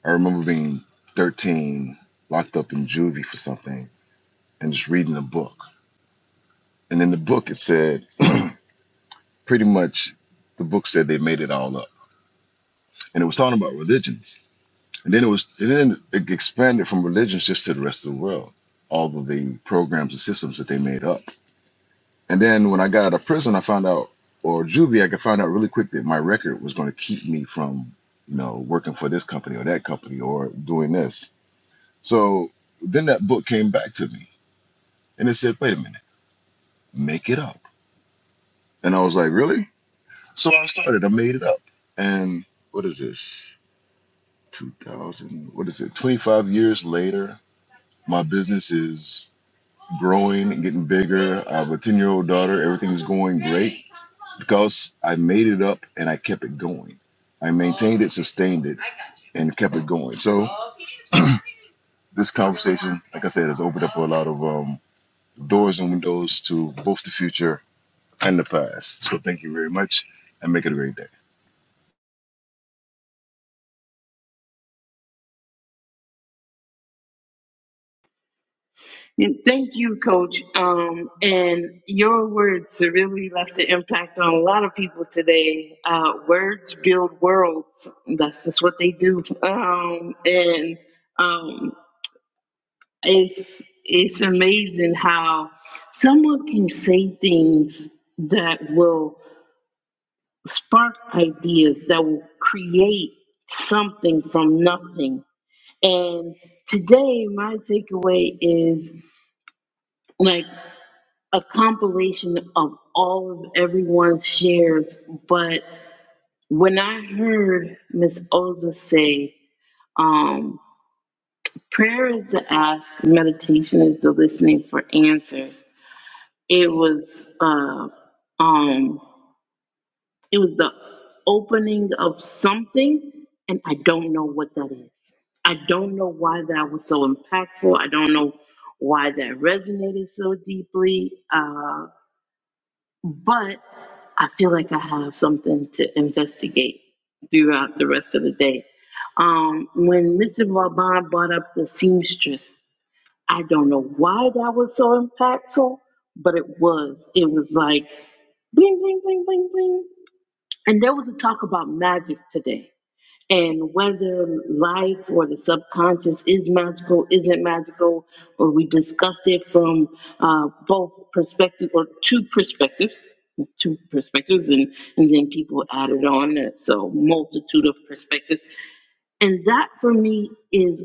[SPEAKER 9] I remember being 13, locked up in juvie for something, and just reading a book. And in the book, it said pretty much the book said they made it all up, and it was talking about religions. And then it was, and then it expanded from religions just to the rest of the world, all of the programs and systems that they made up. And then when I got out of prison, I found out, or juvie, I could find out really quick that my record was going to keep me from, you know, working for this company or that company or doing this. So then that book came back to me And it said, wait a minute, make it up. And I was like, really? So I started, I made it up. And what is this? 2000, what is it? 25 years later, my business is growing and getting bigger. I have a 10 year old daughter. Everything's going great because I made it up and I kept it going. I maintained it, sustained it, and kept it going. So this conversation, like I said, has opened up a lot of um, doors and windows to both the future and the fast. So thank you very much and make it a great day.
[SPEAKER 2] That will spark ideas, that will create something from nothing. And today, my takeaway is like a compilation of all of everyone's shares, but. When I heard Miss Oza say, um, prayer is the ask, meditation is the listening for answers, it was uh, um, it was the opening of something, and I don't know what that is. I don't know why that was so impactful. I don't know why that resonated so deeply. Uh, But I feel like I have something to investigate throughout the rest of the day. Um, when Mr. Vauban brought up the seamstress, I don't know why that was so impactful, but it was. It was like bling, bling, bling, bling, bling. And there was a talk about magic today and whether life or the subconscious is magical, isn't magical, or we discussed it from uh, both perspectives or two perspectives, two perspectives, and, and then people added on, uh, so multitude of perspectives. And that for me is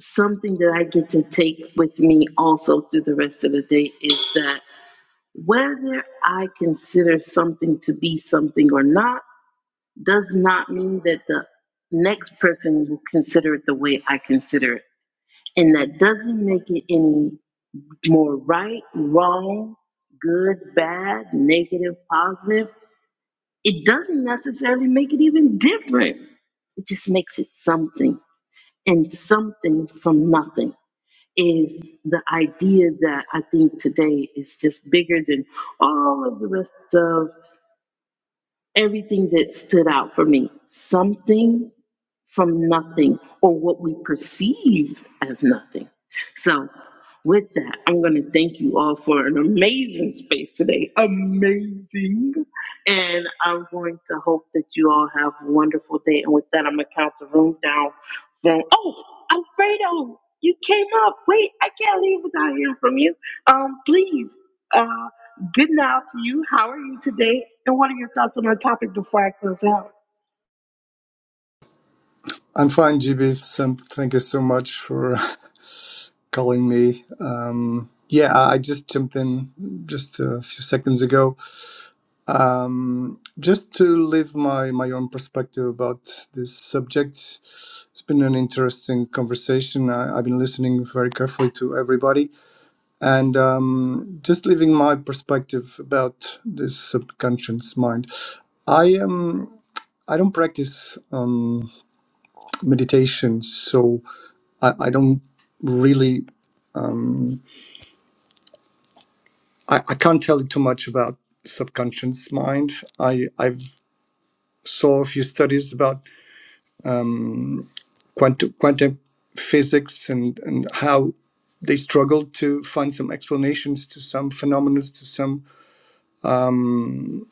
[SPEAKER 2] something that I get to take with me also through the rest of the day is that whether I consider something to be something or not does not mean that the next person will consider it the way I consider it. And that doesn't make it any more right, wrong, good, bad, negative, positive. It doesn't necessarily make it even different. It just makes it something. And something from nothing is the idea that I think today is just bigger than all of the rest of everything that stood out for me. Something from nothing or what we perceive as nothing. So, with that, I'm going to thank you all for an amazing space today. Amazing. And I'm going to hope that you all have a wonderful day. And with that, I'm going to count the room down from, oh, Alfredo, you came up. Wait, I can't leave without hearing from you. Um, Please, uh, good now to you. How are you today?
[SPEAKER 10] I'm fine, GB. Some, thank you so much for calling me. Um, yeah, I I just jumped in just a few seconds ago. Um, just to leave my, my own perspective about this subject, it's been an interesting conversation. I, I've been listening very carefully to everybody and um, just leaving my perspective about this subconscious mind. I am. I don't practice um, meditation, so I, I don't really I, I can't tell you too much about subconscious mind. I I've saw a few studies about quantum quantum physics and and how they struggle to find some explanations to some phenomena to some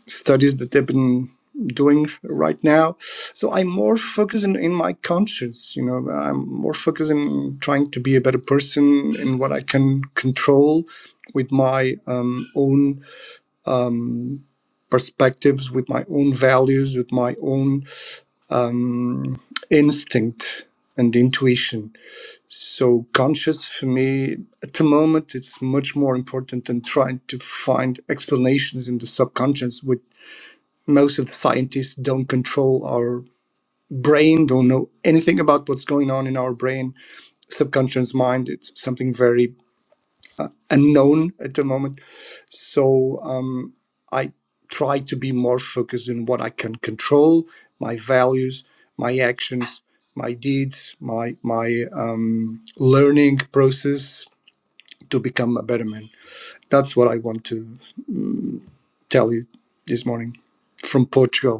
[SPEAKER 10] studies that they've been doing right now so i'm more focusing in in my conscience you know i'm more focusing on trying to be a better person in what i can control with my um, own perspectives, with my own values, with my own instinct and intuition. So, conscious for me at the moment, it's much more important than trying to find explanations in the subconscious, which most of the scientists don't control our brain, don't know anything about what's going on in our brain, subconscious mind. It's something very unknown at the moment. So, I try to be more focused in what I can control, my values, my actions, my deeds, my my um, learning process to become a better man. That's what I want to tell you this morning from Portugal.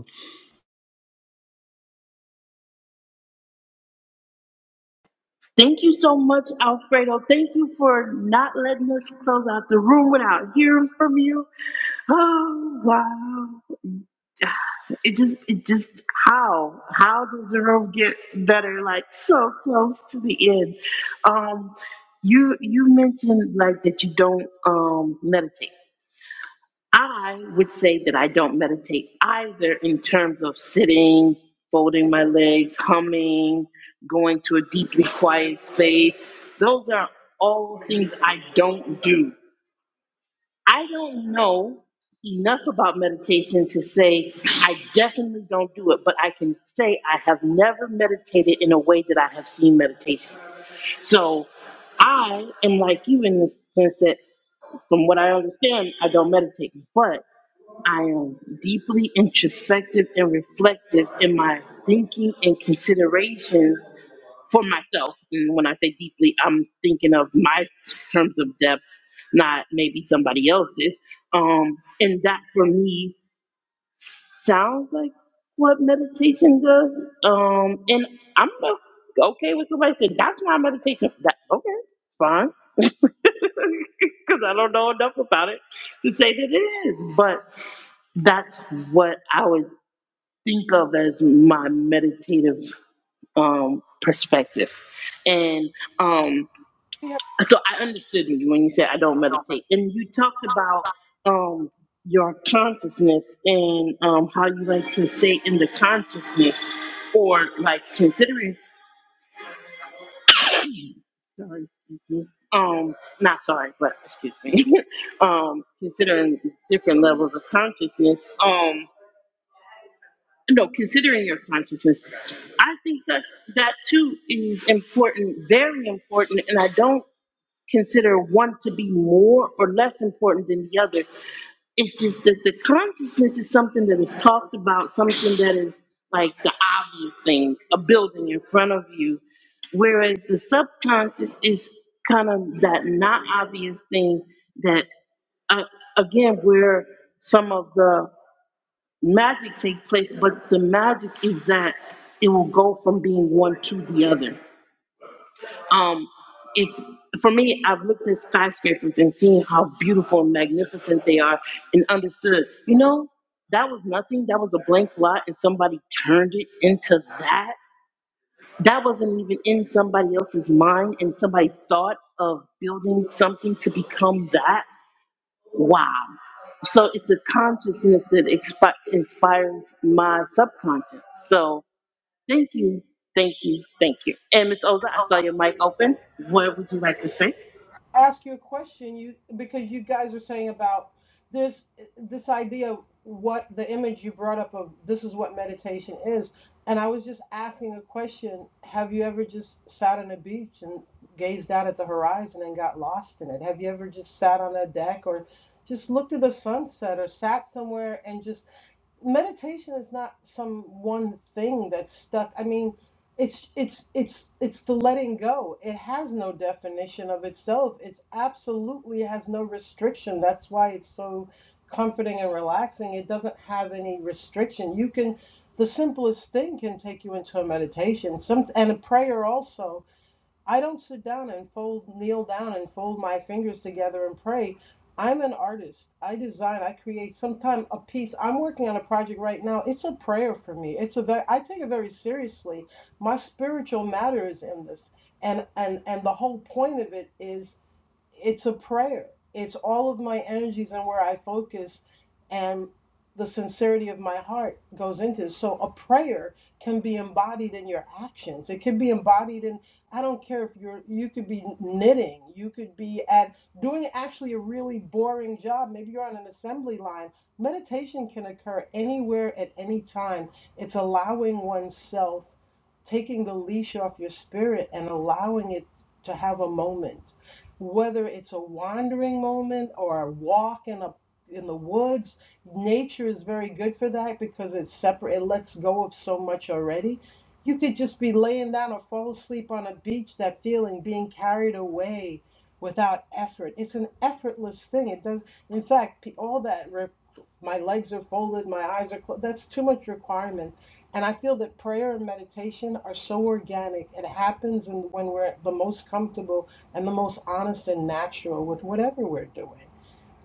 [SPEAKER 2] Thank you so much, Alfredo. Thank you for not letting us close out the room without hearing from you. Oh wow! It just, it just, how, how does the room get better? Like so close to the end. Um, you, you mentioned like that you don't um meditate. I would say that I don't meditate either in terms of sitting, folding my legs, humming, going to a deeply quiet space. Those are all things I don't do. I don't know enough about meditation to say I definitely don't do it, but I can say I have never meditated in a way that I have seen meditation. So I am like you in the sense that, from what I understand, I don't meditate. But I am deeply introspective and reflective in my thinking and considerations for myself. And when I say deeply, I'm thinking of my terms of depth, not maybe somebody else's. Um, and that for me sounds like what meditation does. Um, and I'm o- okay with somebody saying that's my meditation. That oh, fine. I don't know enough about it to say that it. But that's what I would think of as my meditative perspective. And um, so I understood you when you said I don't meditate. And you talked about um, your consciousness and um, how you like to stay in the consciousness or like considering, sorry, excuse me, um, not sorry, but excuse me, um, considering different levels of consciousness. Um, no, considering your consciousness, I think that that too is important, very important. And I don't consider one to be more or less important than the other. It's just that the consciousness is something that is talked about, something that is like the obvious thing, a building in front of you, whereas the subconscious is kind of that not obvious thing that uh, again where some of the magic takes place, but the magic is that it will go from being one to the other. Um, if for me, I've looked at skyscrapers and seen how beautiful and magnificent they are, and understood, you know, that was nothing. That was a blank lot, and somebody turned it into that. That wasn't even in somebody else's mind, and somebody thought of building something to become that. Wow. So it's the consciousness that expi- inspires my subconscious. So thank you, thank you, thank you. And Miss Oza, I saw your mic open. What would you like to say?
[SPEAKER 7] ask you a question you because you guys are saying about this this idea of what the image you brought up of this is what meditation is and i was just asking a question have you ever just sat on a beach and gazed out at the horizon and got lost in it have you ever just sat on a deck or just looked at the sunset or sat somewhere and just meditation is not some one thing that's stuck i mean it's it's it's it's the letting go it has no definition of itself it's absolutely has no restriction that's why it's so comforting and relaxing it doesn't have any restriction you can the simplest thing can take you into a meditation some and a prayer also I don't sit down and fold, kneel down and fold my fingers together and pray. I'm an artist. I design. I create. Sometimes a piece. I'm working on a project right now. It's a prayer for me. It's a very. I take it very seriously. My spiritual matter is in this, and and and the whole point of it is it's a prayer. It's all of my energies and where I focus and the sincerity of my heart goes into it. So a prayer can be embodied in your actions. It can be embodied in I don't care if you're you could be knitting, you could be at doing actually a really boring job. Maybe you're on an assembly line. Meditation can occur anywhere at any time. It's allowing oneself taking the leash off your spirit and allowing it to have a moment whether it's a wandering moment or a walk in a in the woods nature is very good for that because it's separate it lets go of so much already you could just be laying down or fall asleep on a beach that feeling being carried away without effort it's an effortless thing it does in fact all that re- my legs are folded my eyes are closed that's too much requirement and i feel that prayer and meditation are so organic it happens and when we're the most comfortable and the most honest and natural with whatever we're doing.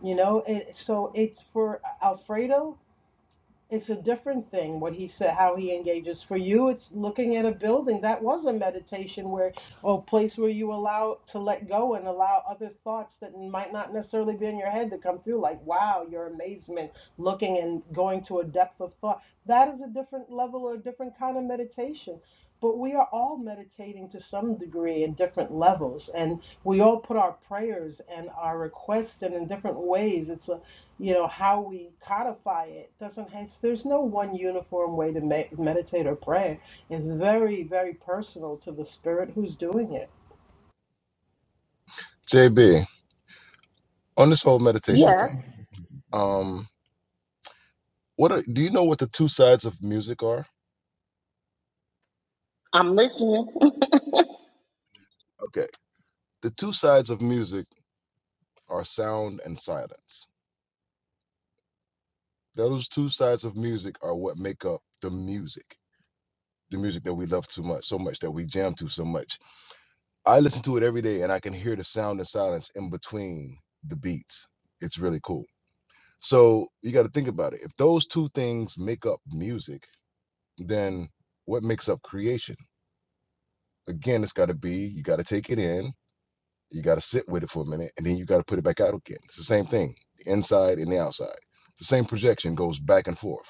[SPEAKER 7] You know, it, so it's for Alfredo it's a different thing what he said how he engages for you it's looking at a building that was a meditation where or place where you allow to let go and allow other thoughts that might not necessarily be in your head to come through like wow your amazement looking and going to a depth of thought that is a different level or a different kind of meditation but we are all meditating to some degree in different levels and we all put our prayers and our requests in in different ways it's a you know how we codify it doesn't have there's no one uniform way to me- meditate or pray it's very very personal to the spirit who's doing it
[SPEAKER 9] JB, on this whole meditation thing, um, what are, do you know what the two sides of music are? Okay, the two sides of music are sound and silence. Those two sides of music are what make up the music, the music that we love too much, so much that we jam to so much. I listen to it every day, and I can hear the sound and silence in between the beats. It's really cool. So you got to think about it. If those two things make up music then what makes up creation? Again, it's got to be you got to take it in, you got to sit with it for a minute, and then you got to put it back out again. It's the same thing, the inside and the outside. The same projection goes back and forth.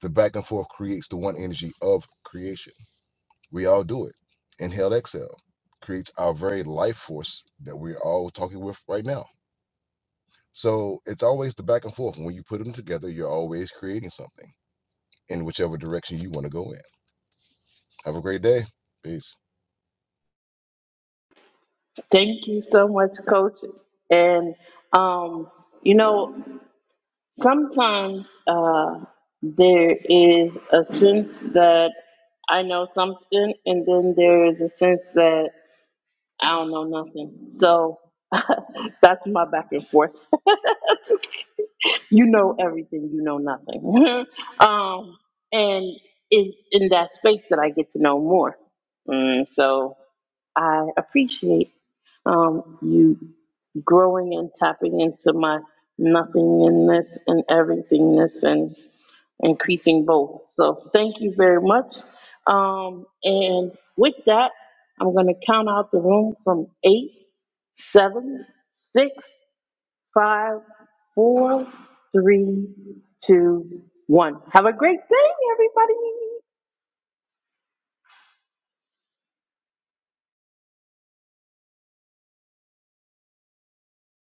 [SPEAKER 9] The back and forth creates the one energy of creation. We all do it. Inhale, exhale creates our very life force that we're all talking with right now. So it's always the back and forth. When you put them together, you're always creating something in whichever direction you want to go in. Have a great day. Peace.
[SPEAKER 2] Thank you so much, Coach. And um, you know, sometimes uh, there is a sense that I know something, and then there is a sense that I don't know nothing. So that's my back and forth. you know everything, you know nothing. um, and it's in that space that I get to know more. Mm, so I appreciate um, you growing and tapping into my nothingness and everythingness and increasing both. So thank you very much. Um, and with that, I'm going to count out the room from eight, seven, six, five, four.